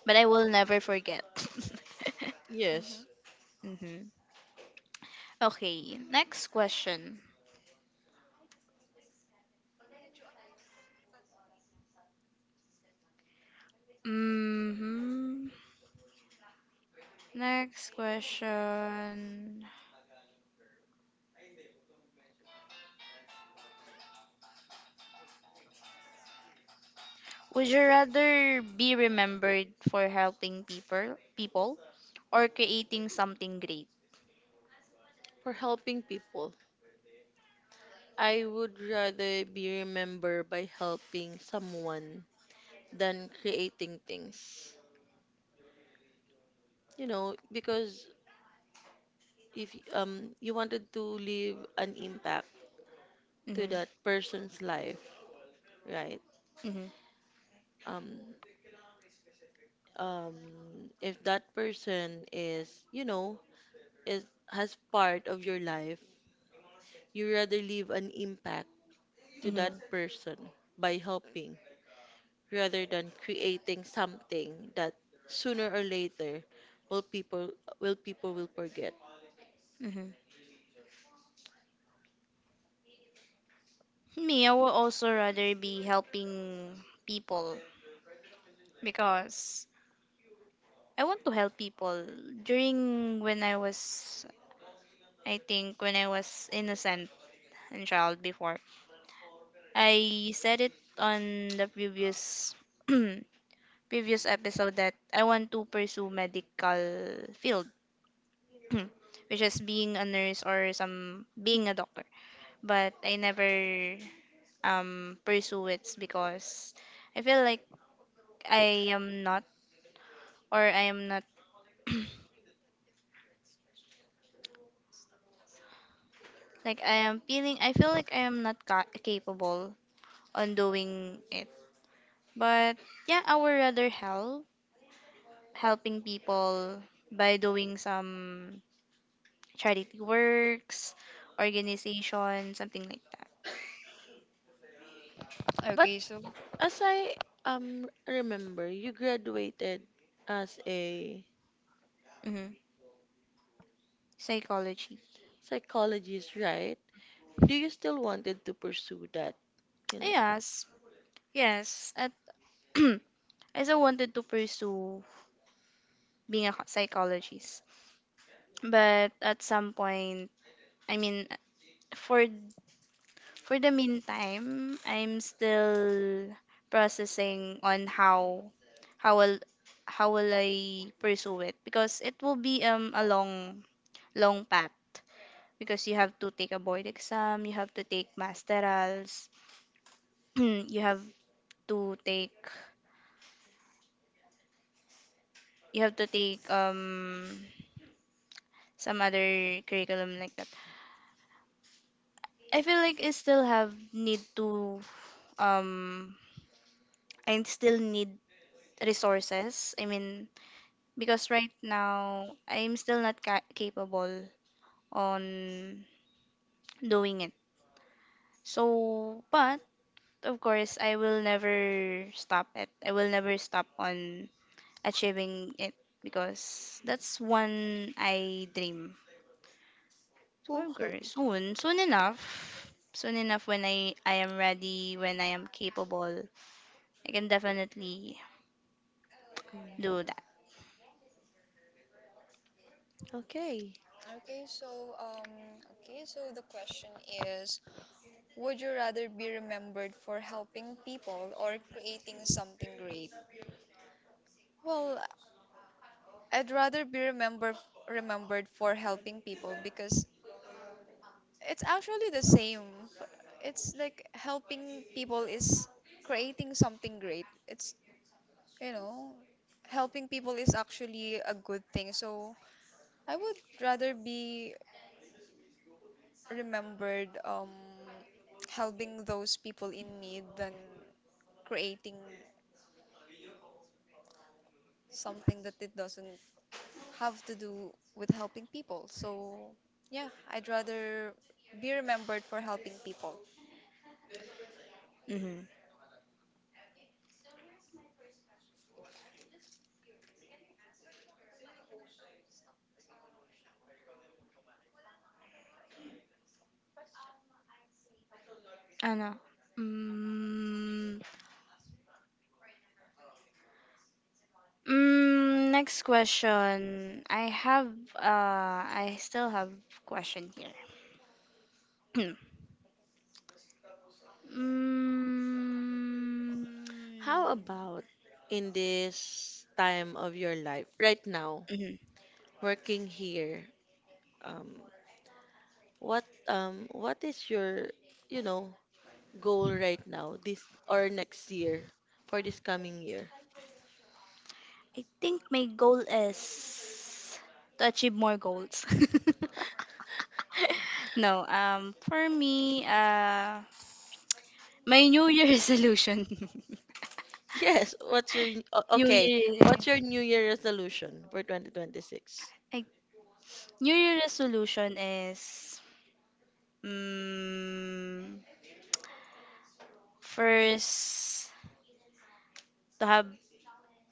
but I will never forget.
Yes,
hmm
Hmm. Okay, next question. Hmm. Next question. Would you rather be remembered for helping people, or creating something great?
for helping people. I would rather be remembered by helping someone than creating things. You know, because if you wanted to leave an impact to
Hmm.
that person's life, right?
Hmm.
Um um if that person is, you know, is has part of your life, you rather leave an impact to that
Hmm.
person by helping, rather than creating something that sooner or later will people will people will forget.
Hmm. Me, I would also rather be helping people because I want to help people. During when I was, I think, when I was innocent and child before, I said it on the previous previous episode that I want to pursue medical field, which is being a nurse or some being a doctor. But I never pursue it because I feel like I am not, or I am not, like, I feel like I am not capable on doing it. But yeah, I would rather helping people by doing some charity works, organization, something like that.
But
Okay, so
as I, remember, you graduated as a
Hmm. Psychology.
psychologist, right? Do you still wanted to pursue that, you know?
Yes, yes. At I still wanted to pursue being a psychologist, but at some point, I mean, for For the meantime, I'm still processing on how will how will I pursue it because it will be a long long path, because you have to take a board exam, you have to take masterals, you have to take you have to take some other curriculum like that. I feel like um I still need resources. I mean, because right now I'm still not capable on doing it. So, but of course, I will never stop it. I will never stop on achieving it because that's one I dream. So, of
Okay.
course, soon, soon enough when I am ready, when I am capable, I can definitely
Mm.
do that.
Okay.
Okay, so um, the question is, would you rather be remembered for helping people or creating something great? Well, I'd rather be remembered for helping people because it's actually the same. It's like helping people is creating something great. It's, you know, helping people is actually a good thing. So I would rather be remembered helping those people in need than creating something that it doesn't have to do with helping people. So, yeah, I'd rather be remembered for helping people.
Mm-hmm. Ano? Mm, next question. I have I still have question here. Mm,
How about in this time of your life right now,
mhm.
working here? Um, what is your, you know, goal right now this or next year for this coming year?
I think my goal is to achieve more goals. No, for me my new year resolution.
Yes, what's your n- o-
new
okay,
year
what's your new year resolution for 2026?
I, New year resolution is, mm, first, to have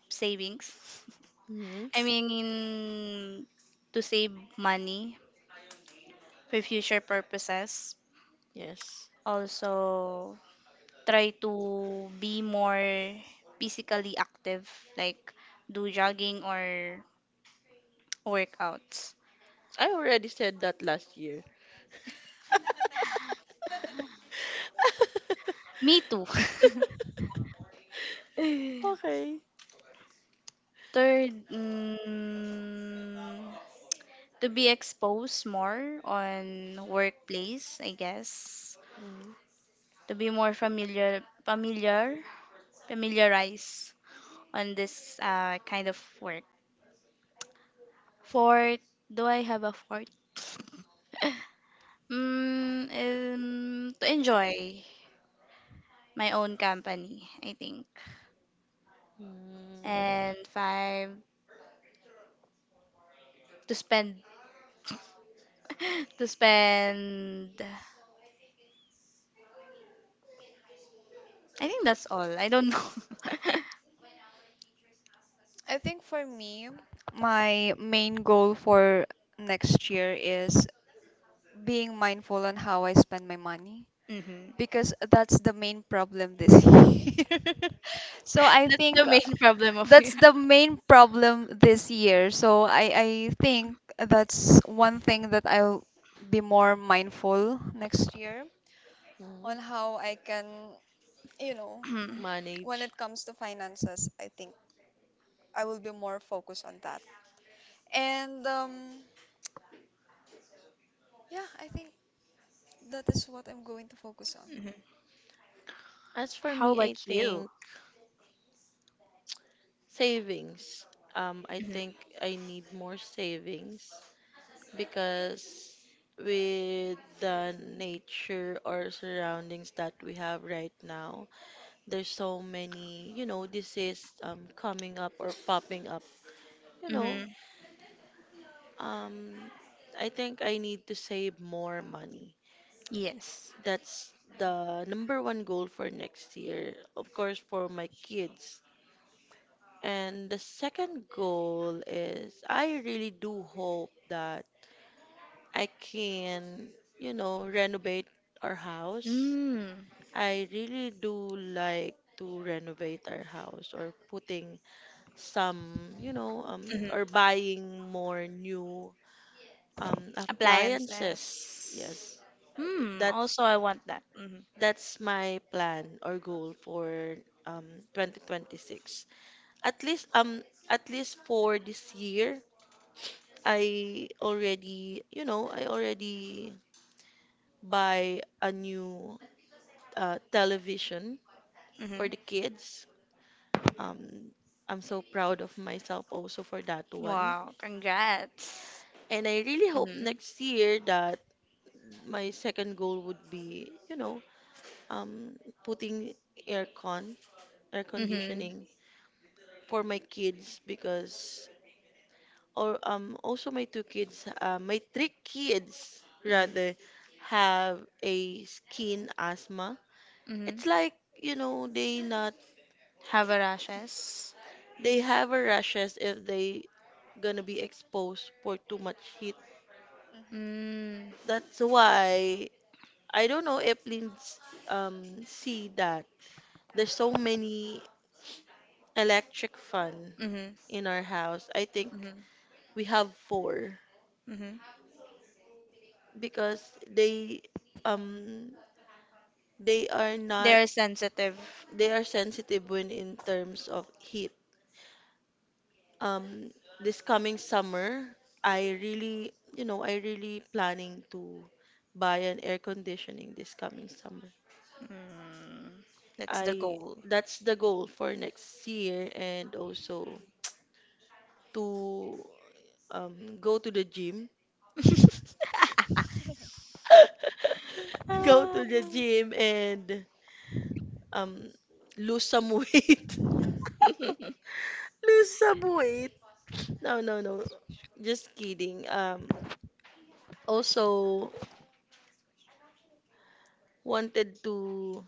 savings.
Hmm.
I mean, to save money for future purposes.
Yes.
Also, try to be more physically active, like do jogging or workouts.
I already said that last year.
Me too.
Okay.
Third, to be exposed more on workplace, I guess.
Mm.
To be more familiarize on this kind of work. Fourth, do I have a fourth? To enjoy my own company, I think.
Mm.
And five, to spend, to spend. I think that's all. I don't know.
I think for me, my main goal for next year is being mindful on how I spend my money
Hmm.
because that's the main problem this year. So I
That's the
think
main problem of
that's
you.
the main problem this year. So I think that's one thing that I'll be more mindful next year
Mm.
on how I can, you know,
Mhm.
when
Manage.
it comes to finances, I think I will be more focused on that. And yeah, I think that is what I'm going to focus on.
As for
How
me, I
about you?
think savings. I
Hmm.
think I need more savings because with the nature or surroundings that we have right now, there's so many, you know, disease coming up or popping up. You
Hmm.
know, um, I think I need to save more money.
Yes.
That's the number one goal for next year, of course, for my kids. And the second goal is I really do hope that I can, you know, renovate our house.
Mm.
I really do like to renovate our house or putting some, you know,
Hmm.
or buying more new appliances.
Appliances.
Yes,
Hmm.
that's
Also, I want that. Mhm.
That's my plan or goal for um 2026. At least, at least for this year, I already, you know, I already buy a new, television for
Mhm.
the kids. Um I'm so proud of myself also for that one.
Wow. Congrats.
And I really hope
Mhm.
next year that my second goal would be, you know, um putting aircon, air
Mhm.
conditioning for my kids, because or also my three kids,
Mhm.
rather, have a skin asthma.
Mhm.
It's like, you know,
Havarashes.
they have a rashes if they gonna be exposed for too much heat.
Mm.
That's why I don't know if Linds see that there's so many electric fan
Mhm.
in our house. I think
Mhm.
we have four.
Mhm.
Because they, um they are not
They're sensitive.
they are sensitive when in terms of heat. Um, this coming summer, I really, you know, I really planning to buy an air conditioning this coming summer.
Mm. That's the
I
goal.
that's the goal for next year, and also to, go to the gym,
hmm
go
Ah.
to the gym and, um lose some weight. Lose some weight. No, no, no. Just kidding. Also wanted to,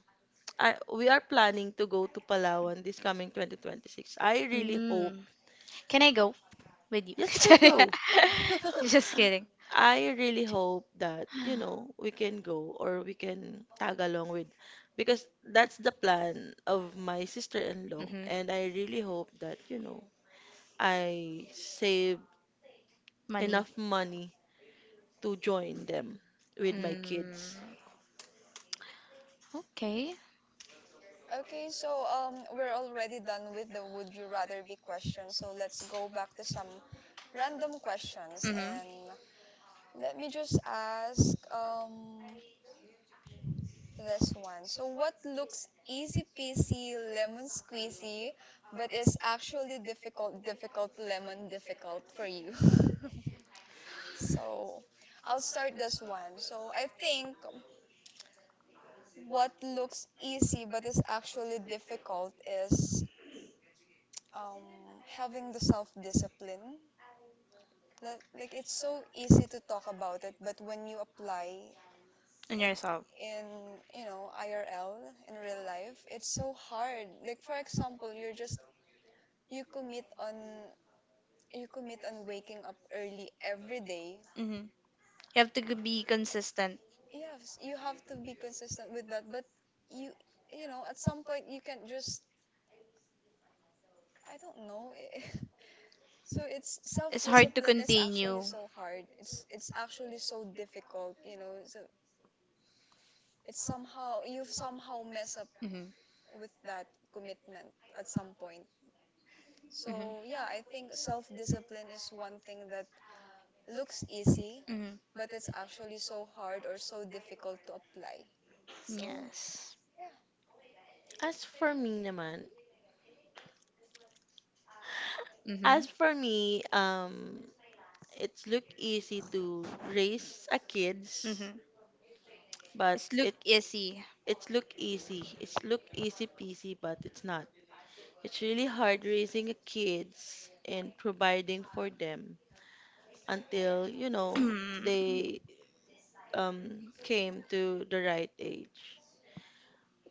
I we are planning to go to Palawan this coming 2026. I really hope.
Mm. Can I go with you?
Yes, you
Can I
can
Sorry.
come?
go.
Just kidding.
I really hope that, you know, we can go or we can tag along with, because that's the plan of my sister-in-law,
Mhm.
and I really hope that, you know, I save
Money.
enough money to join them with my kids.
Mm. Okay.
Okay, so we're already done with the would you rather be question. So let's go back to some random questions
Mm-hmm.
and let me just ask this one. So what looks easy peasy lemon squeezy but is actually difficult difficult lemon difficult for you? So I'll start this one. So I think what looks easy but is actually difficult is um, having the self discipline. Like it's so easy to talk about it, but when you apply
And
it
yourself.
in, you know, IRL, in real life, it's so hard. Like, for example, you commit on, you commit on waking up early every day.
Mm-hmm. You have to be consistent.
Yes, you have to be consistent with that, but you, you know, at some point you can't just, I don't know. So it's
It's hard to
self-discipline is actually
continue.
so hard. It's actually so difficult, you know. So it's somehow you somehow mess up
Mm-hmm.
with that commitment at some point. So
Mm-hmm.
yeah, I think self-discipline is one thing that looks easy,
Mm-hmm.
but it's actually so hard or so difficult to apply. So
Yes.
As for me naman,
Mm-hmm.
As for me, it's look easy to raise a kids,
Mm-hmm.
but
It's look
it
easy.
it's look easy. It's look easy peasy, but it's not. It's really hard raising a kids and providing for them until, you know,
Mm-hmm.
they, came to the right age.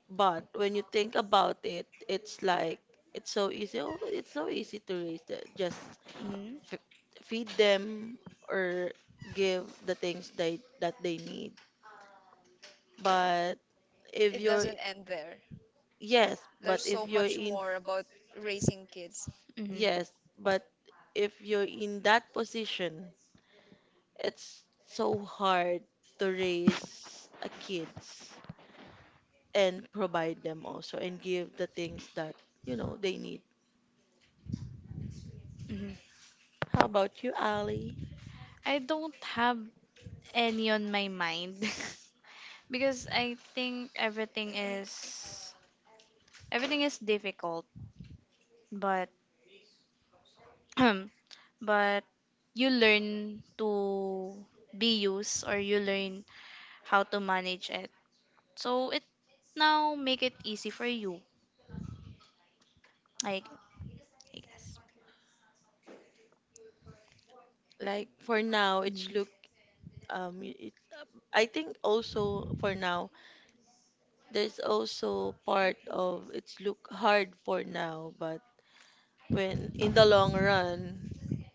But when you think about it, it's like it's so easy. Oh, it's so easy to raise the, just
Mm-hmm.
f feed them, or give the things they that they need. But if
it
you're,
doesn't end there.
yes, but
There's
if
so
you're
much
in,
more about raising kids.
Mm-hmm.
yes, but if you're in that position, it's so hard to raise a kids and provide them also and give the things that you know they need. How about you, Ali?
I don't have any on my mind because I think everything is difficult, but but you learn to be used, or you learn how to manage it. So it now make it easy for you. I, I guess.
Like for now, it's
Mhm.
look, it, I think also for now, there's also part of it's look hard for now, but when in the long run,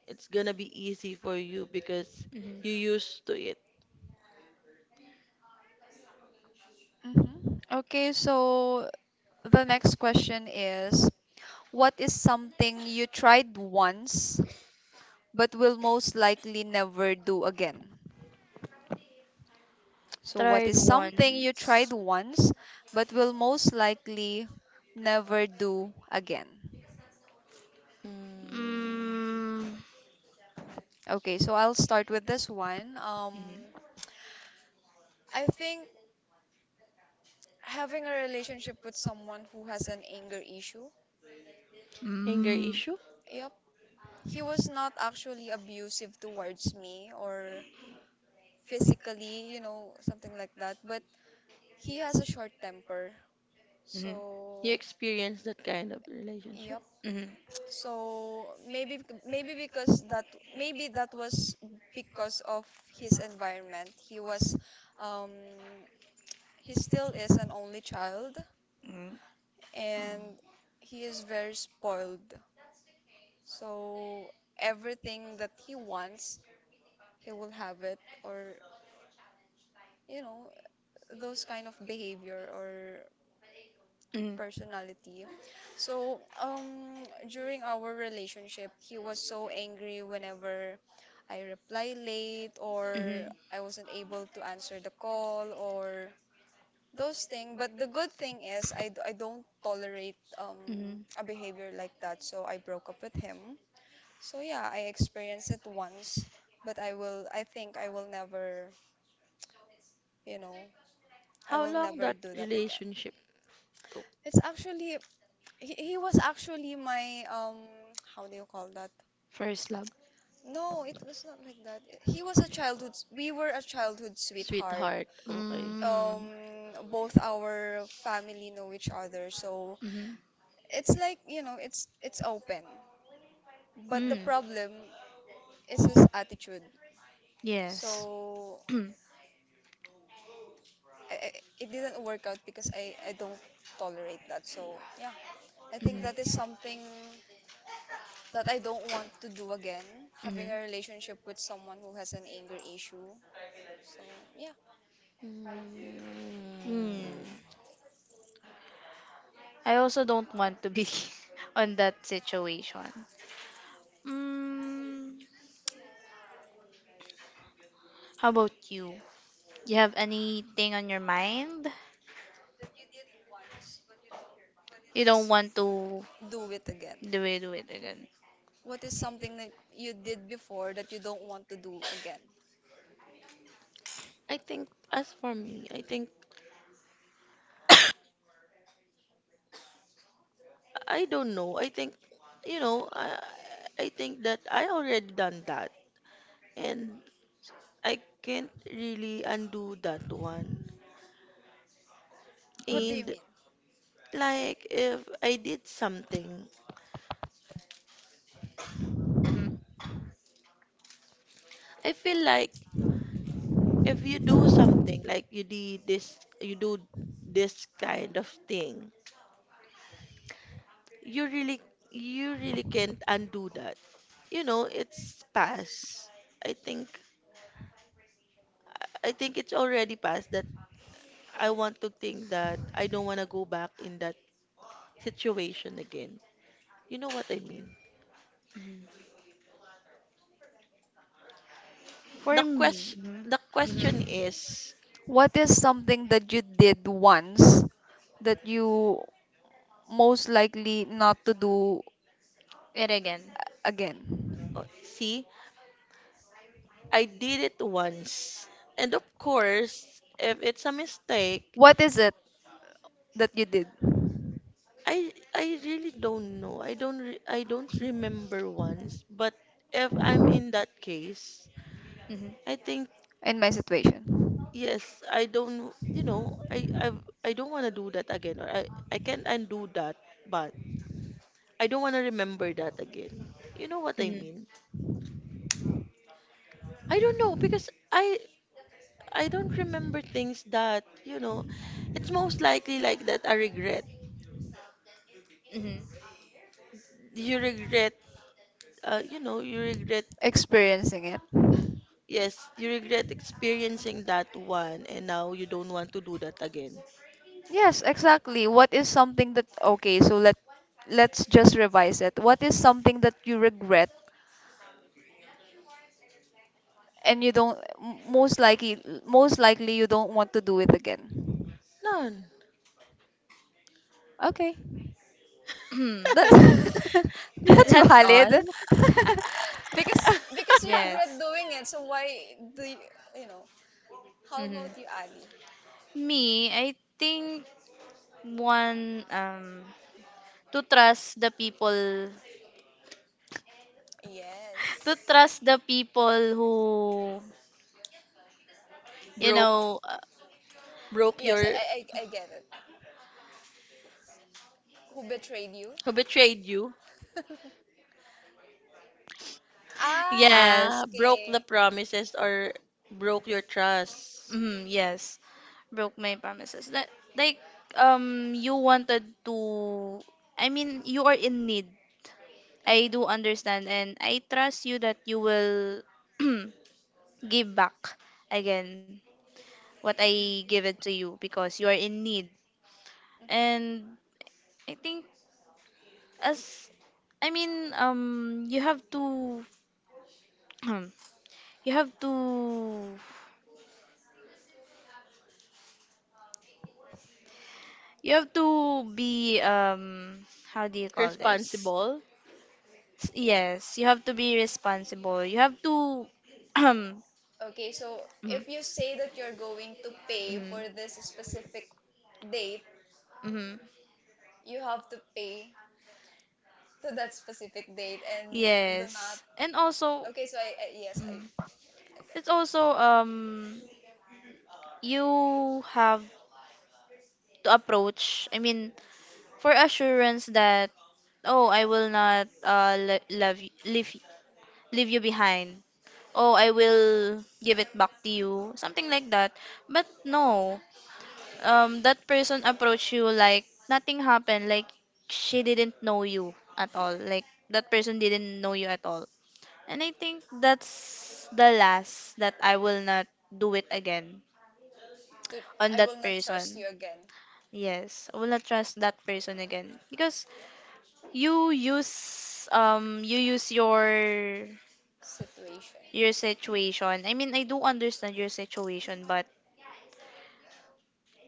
it's gonna be easy for you because
Mhm.
you used to it.
Okay, so the next question is what is something you tried once but will most likely never do again? So, what
Tried
is something you tried
once.
once but will most likely never do again?
Mm.
Mm.
Okay, so I'll start with this one.
Mhm.
I think having a relationship with someone who has an anger issue.
Anger
Mm.
issue?
Yep. He was not actually abusive towards me or physically, you know, something like that, but he has a short temper.
Hmm.
So
You experience that kind of relationship?
Yep.
Hmm.
So maybe because that maybe that was because of his environment. He was um he still is an only child
Hmm.
Mm.
and he is very spoiled. So everything that he wants, he will have it or you know those kind of behavior or
Mm.
personality. So, during our relationship, he was so angry whenever I reply late or
Mhm.
I wasn't able to answer the call or those things. But the good thing is, I don't tolerate
Mhm.
a behavior like that. So, I broke up with him. So, yeah, I experienced it once, but I think I will never, you know, I
How
will
long
never
that
do that again.
relationship took?
It's actually he was actually my how do you call that?
First love.
No, it was not like that. He was a childhood we were a childhood sweetheart.
Sweetheart, okay.
Um
Mm.
both our family know each other. So
Mhm.
it's like, you know, it's open. But the
Mm.
problem is his attitude.
Yes.
So I, I, it didn't work out because I don't tolerate that. So yeah, I think
Mhm.
that is something that I don't want to do again, having
Mhm.
a relationship with someone who has an anger issue. So, yeah,
Mm.
Mm. I also don't want to be on that situation. Mm. How about you? You have anything on your mind? You don't want to
do it again.
do it with again.
What is something that you did before that you don't want to do again?
I think as for me, I think I don't know. I think, you know, I think that I already done that, and I can't really undo that one.
Mhm,
What do you
And,
mean?
like if I did something,
mhm,
I feel like if you do something, like you did this, you do this kind of thing, you really, you really can't undo that. You know, it's past. I think, I think it's already past that I want to think that I don't want to go back in that situation again. You know what I mean?
mhm. For
The
me,
question
mhm,
the
mhm,
question is,
What is something that you did once that you most likely not to do
it again.
again?
oh, see, I did it once. And of course, if it's a mistake,
What is it that you did
I really don't know. I don't remember once, but if I'm in that case,
Mhm,
I think,
in my situation?
yes, I don't, you know, I don't want to do that again, or I can't undo that, but I don't want to remember that again. You know what I
mhm,
mean? I don't know because I don't remember things that, you know, it's most likely like that I regret.
mhm,
You regret, you know, you regret,
Experiencing it.
yes, you regret experiencing that one, and now you don't want to do that again.
Yes, exactly. What is something that okay, so let let's just revise it. What is something that you regret and you don't most likely you don't want to do it again?
None.
Okay.
mhm.
That's
The-
that's
That's
valid.
all.
Because you regret
Yes.
doing it, so why do you, you know? How about
Mhm.
you, Ali?
Me, I think one, to trust the people, to
Yes.
trust the people who you
broke,
know. Uh,
broke
Yes,
your,
I get it. Who betrayed you?
who betrayed you?
Ah,
Ah,
yes.
broke the
okay.
promises, or broke your trust.
Mhm, yes. Broke my promises. That, like, you wanted to. I mean, you are in need. I
Mm-hmm.
do understand and I trust you that you will give back again what I give it to you because you are in need.
Mm-hmm.
And I think, as I mean, you have to you have to you have to be, how do you call this?
Responsible?
Yes, you have to be responsible. You have to mm,
Okay, so if you say that you're going to pay
mm,
for this specific date,
mm.
you have to pay to that specific date and do not.
Yes. And also,
Okay, so I
mm-hmm,
I get
it's also, you have to approach, I mean, for assurance that, oh, I will not le- love y- leave you behind, oh I will give it back to you, something like that, but no, that person approached you like nothing happened, like she didn't know you at all, like that person didn't know you at all. And I think that's the last that I will not do it again
to
on
I
that
will not trust
person.
you again
Yes, I will not trust that person again because you use your
situation.
your situation. I mean, I do understand your situation, but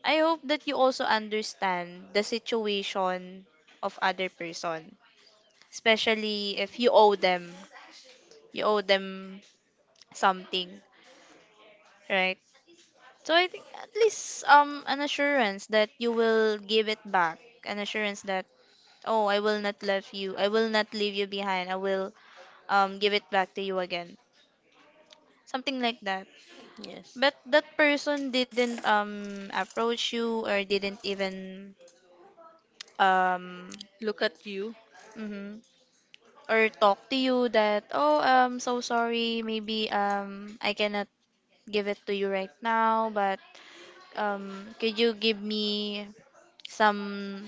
I hope that you also understand the situation of other person, especially if you owe them something, right? So I think at least an assurance that you will give it back, an assurance that, oh, I will not leave you, I will not leave you behind, I will, give it back to you again, something like that,
Yes.
but that person didn't approach you or didn't even um
Look at you,
mhm, or talk to you that, oh, so sorry, maybe I cannot give it to you right now, but could you give me some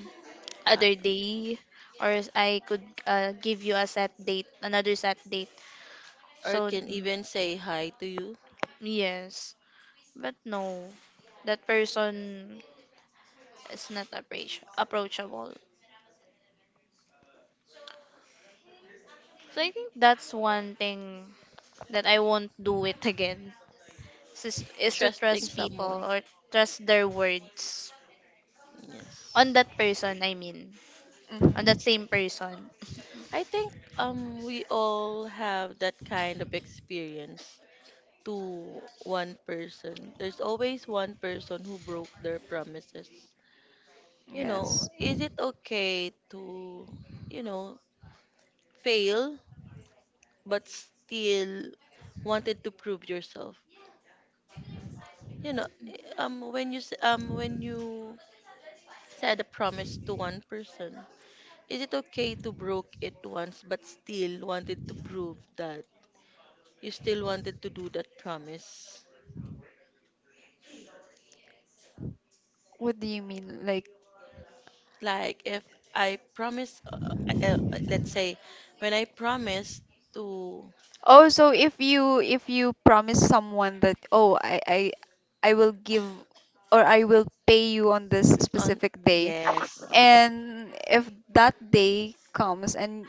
uh,
other day, or I could give you a set date another set date,
or
so
can even say hi to you,
yes, but no, that person is not approachable. So I think that's one thing that I won't do it again. Is to
trusting
trust people
someone.
or trust their words
Yes.
on that person. I mean, on
Mm-hmm.
that same person.
I think we all have that kind of experience to one person. There's always one person who broke their promises. You know,
Yes.
is it okay to, you know, fail but still wanted to prove yourself? You know, when you when you said a promise to one person. Is it okay to broke it once but still wanted to prove that you still wanted to do that promise?
What do you mean? Like,
Like if I promise, uh, uh, let's say, when I promise to,
oh, so if you promise someone that, oh, I I will give or I will pay you on this
on,
specific day,
yes,
and if that day comes and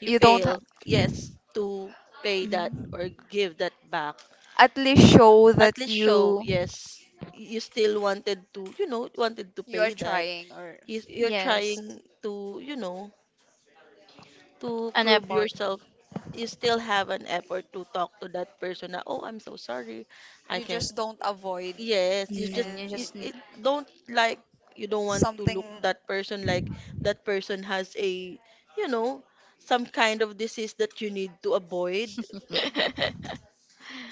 you
you don't ha-
fail, yes, to pay that
Mhm.
or give that back.
at least show that
At least show, yes, you still wanted to, you know, wanted to
you are
pay that.
trying or
You're
Yes,
trying to, you know, to
an
prove
effort.
yourself, you
Mhm.
still have an effort to talk to that person. Na, oh, I'm so sorry. I
you
can.
just don't avoid
Yes, you just
Mm, you
and
just need.
it don't like, you don't want to
something
look that person like that person has a, you know, some kind of disease that you need to avoid.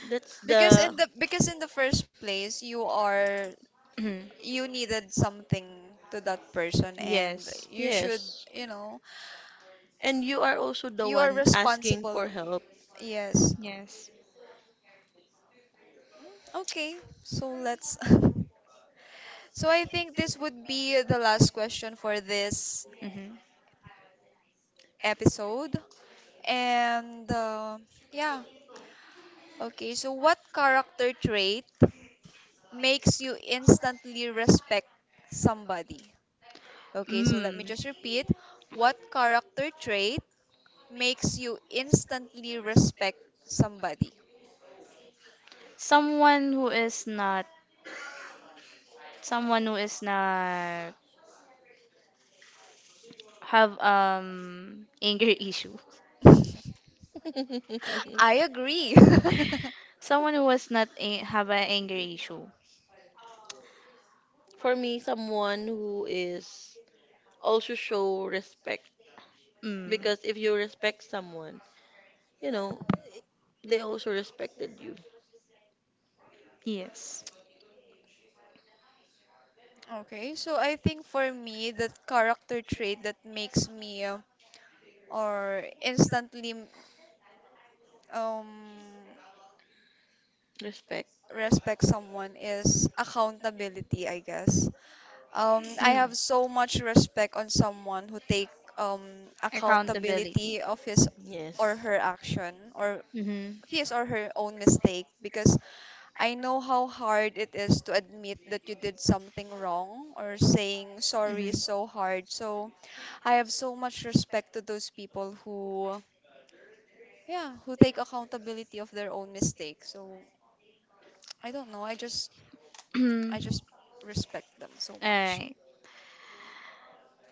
That's the,
because in the first place you are
Mhm.
you needed something to that person and
Yes,
you should
yes.
you know
And you are also the
you are
one asking for
responsible
help.
yes
yes.
okay so let's so I think this would be the last question for this
Hmm.
episode. And yeah, okay. So, what character trait makes you instantly respect somebody? Okay, so let me
Mm.
just repeat. What character trait makes you instantly respect somebody?
Someone who is not, someone who is not have anger issue.
I agree.
Someone who was not have an anger issue.
For me, someone who is also show respect,
Mm.
because if you respect someone, you know, they also respected you.
Yes.
Okay, so I think for me, that character trait that makes me or instantly um
Respect.
respect someone is accountability, I guess. I have so much respect on someone who take um,
Accountability.
accountability of his or
Yes.
her action or
Mhm.
his or her own mistake because I know how hard it is to admit that you did something wrong or saying sorry is
Mhm.
so hard. So I have so much respect to those people who yeah, who take accountability of their own mistakes. So I don't know. I just
All
I just respect them so much.
right.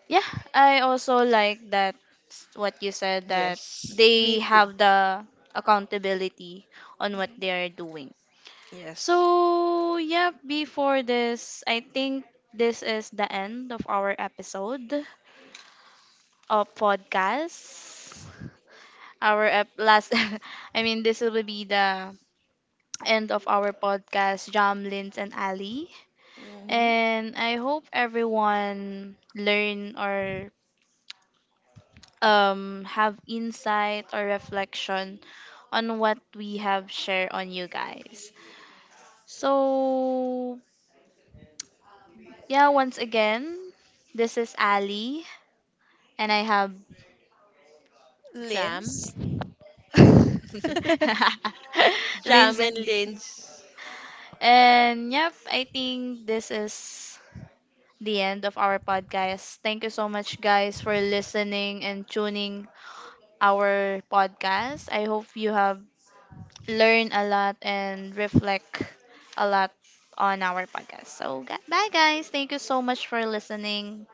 Yeah, I also like that what you said, that
Yes. Me
they
too.
have the accountability on what
hmm
they are doing.
Yes.
So, yeah, before this, I think this is the end of our episode of podcast. Our ep- last I mean this will be the end of our podcast, Jamlins and Ali,
Hmm.
and I hope everyone learn or have insight or reflection on what we have shared on you guys. So, yeah, once again, this is Ali, and I have
Jam.
Liz.
Jam
Lindsay,
and
and
Lynch.
and yep, I think this is the end of our podcast. Thank you so much, guys, for listening and tuning our podcast. I hope you have learned a lot and reflect a lot on our podcast. So, bye, guys. Thank you so much for listening.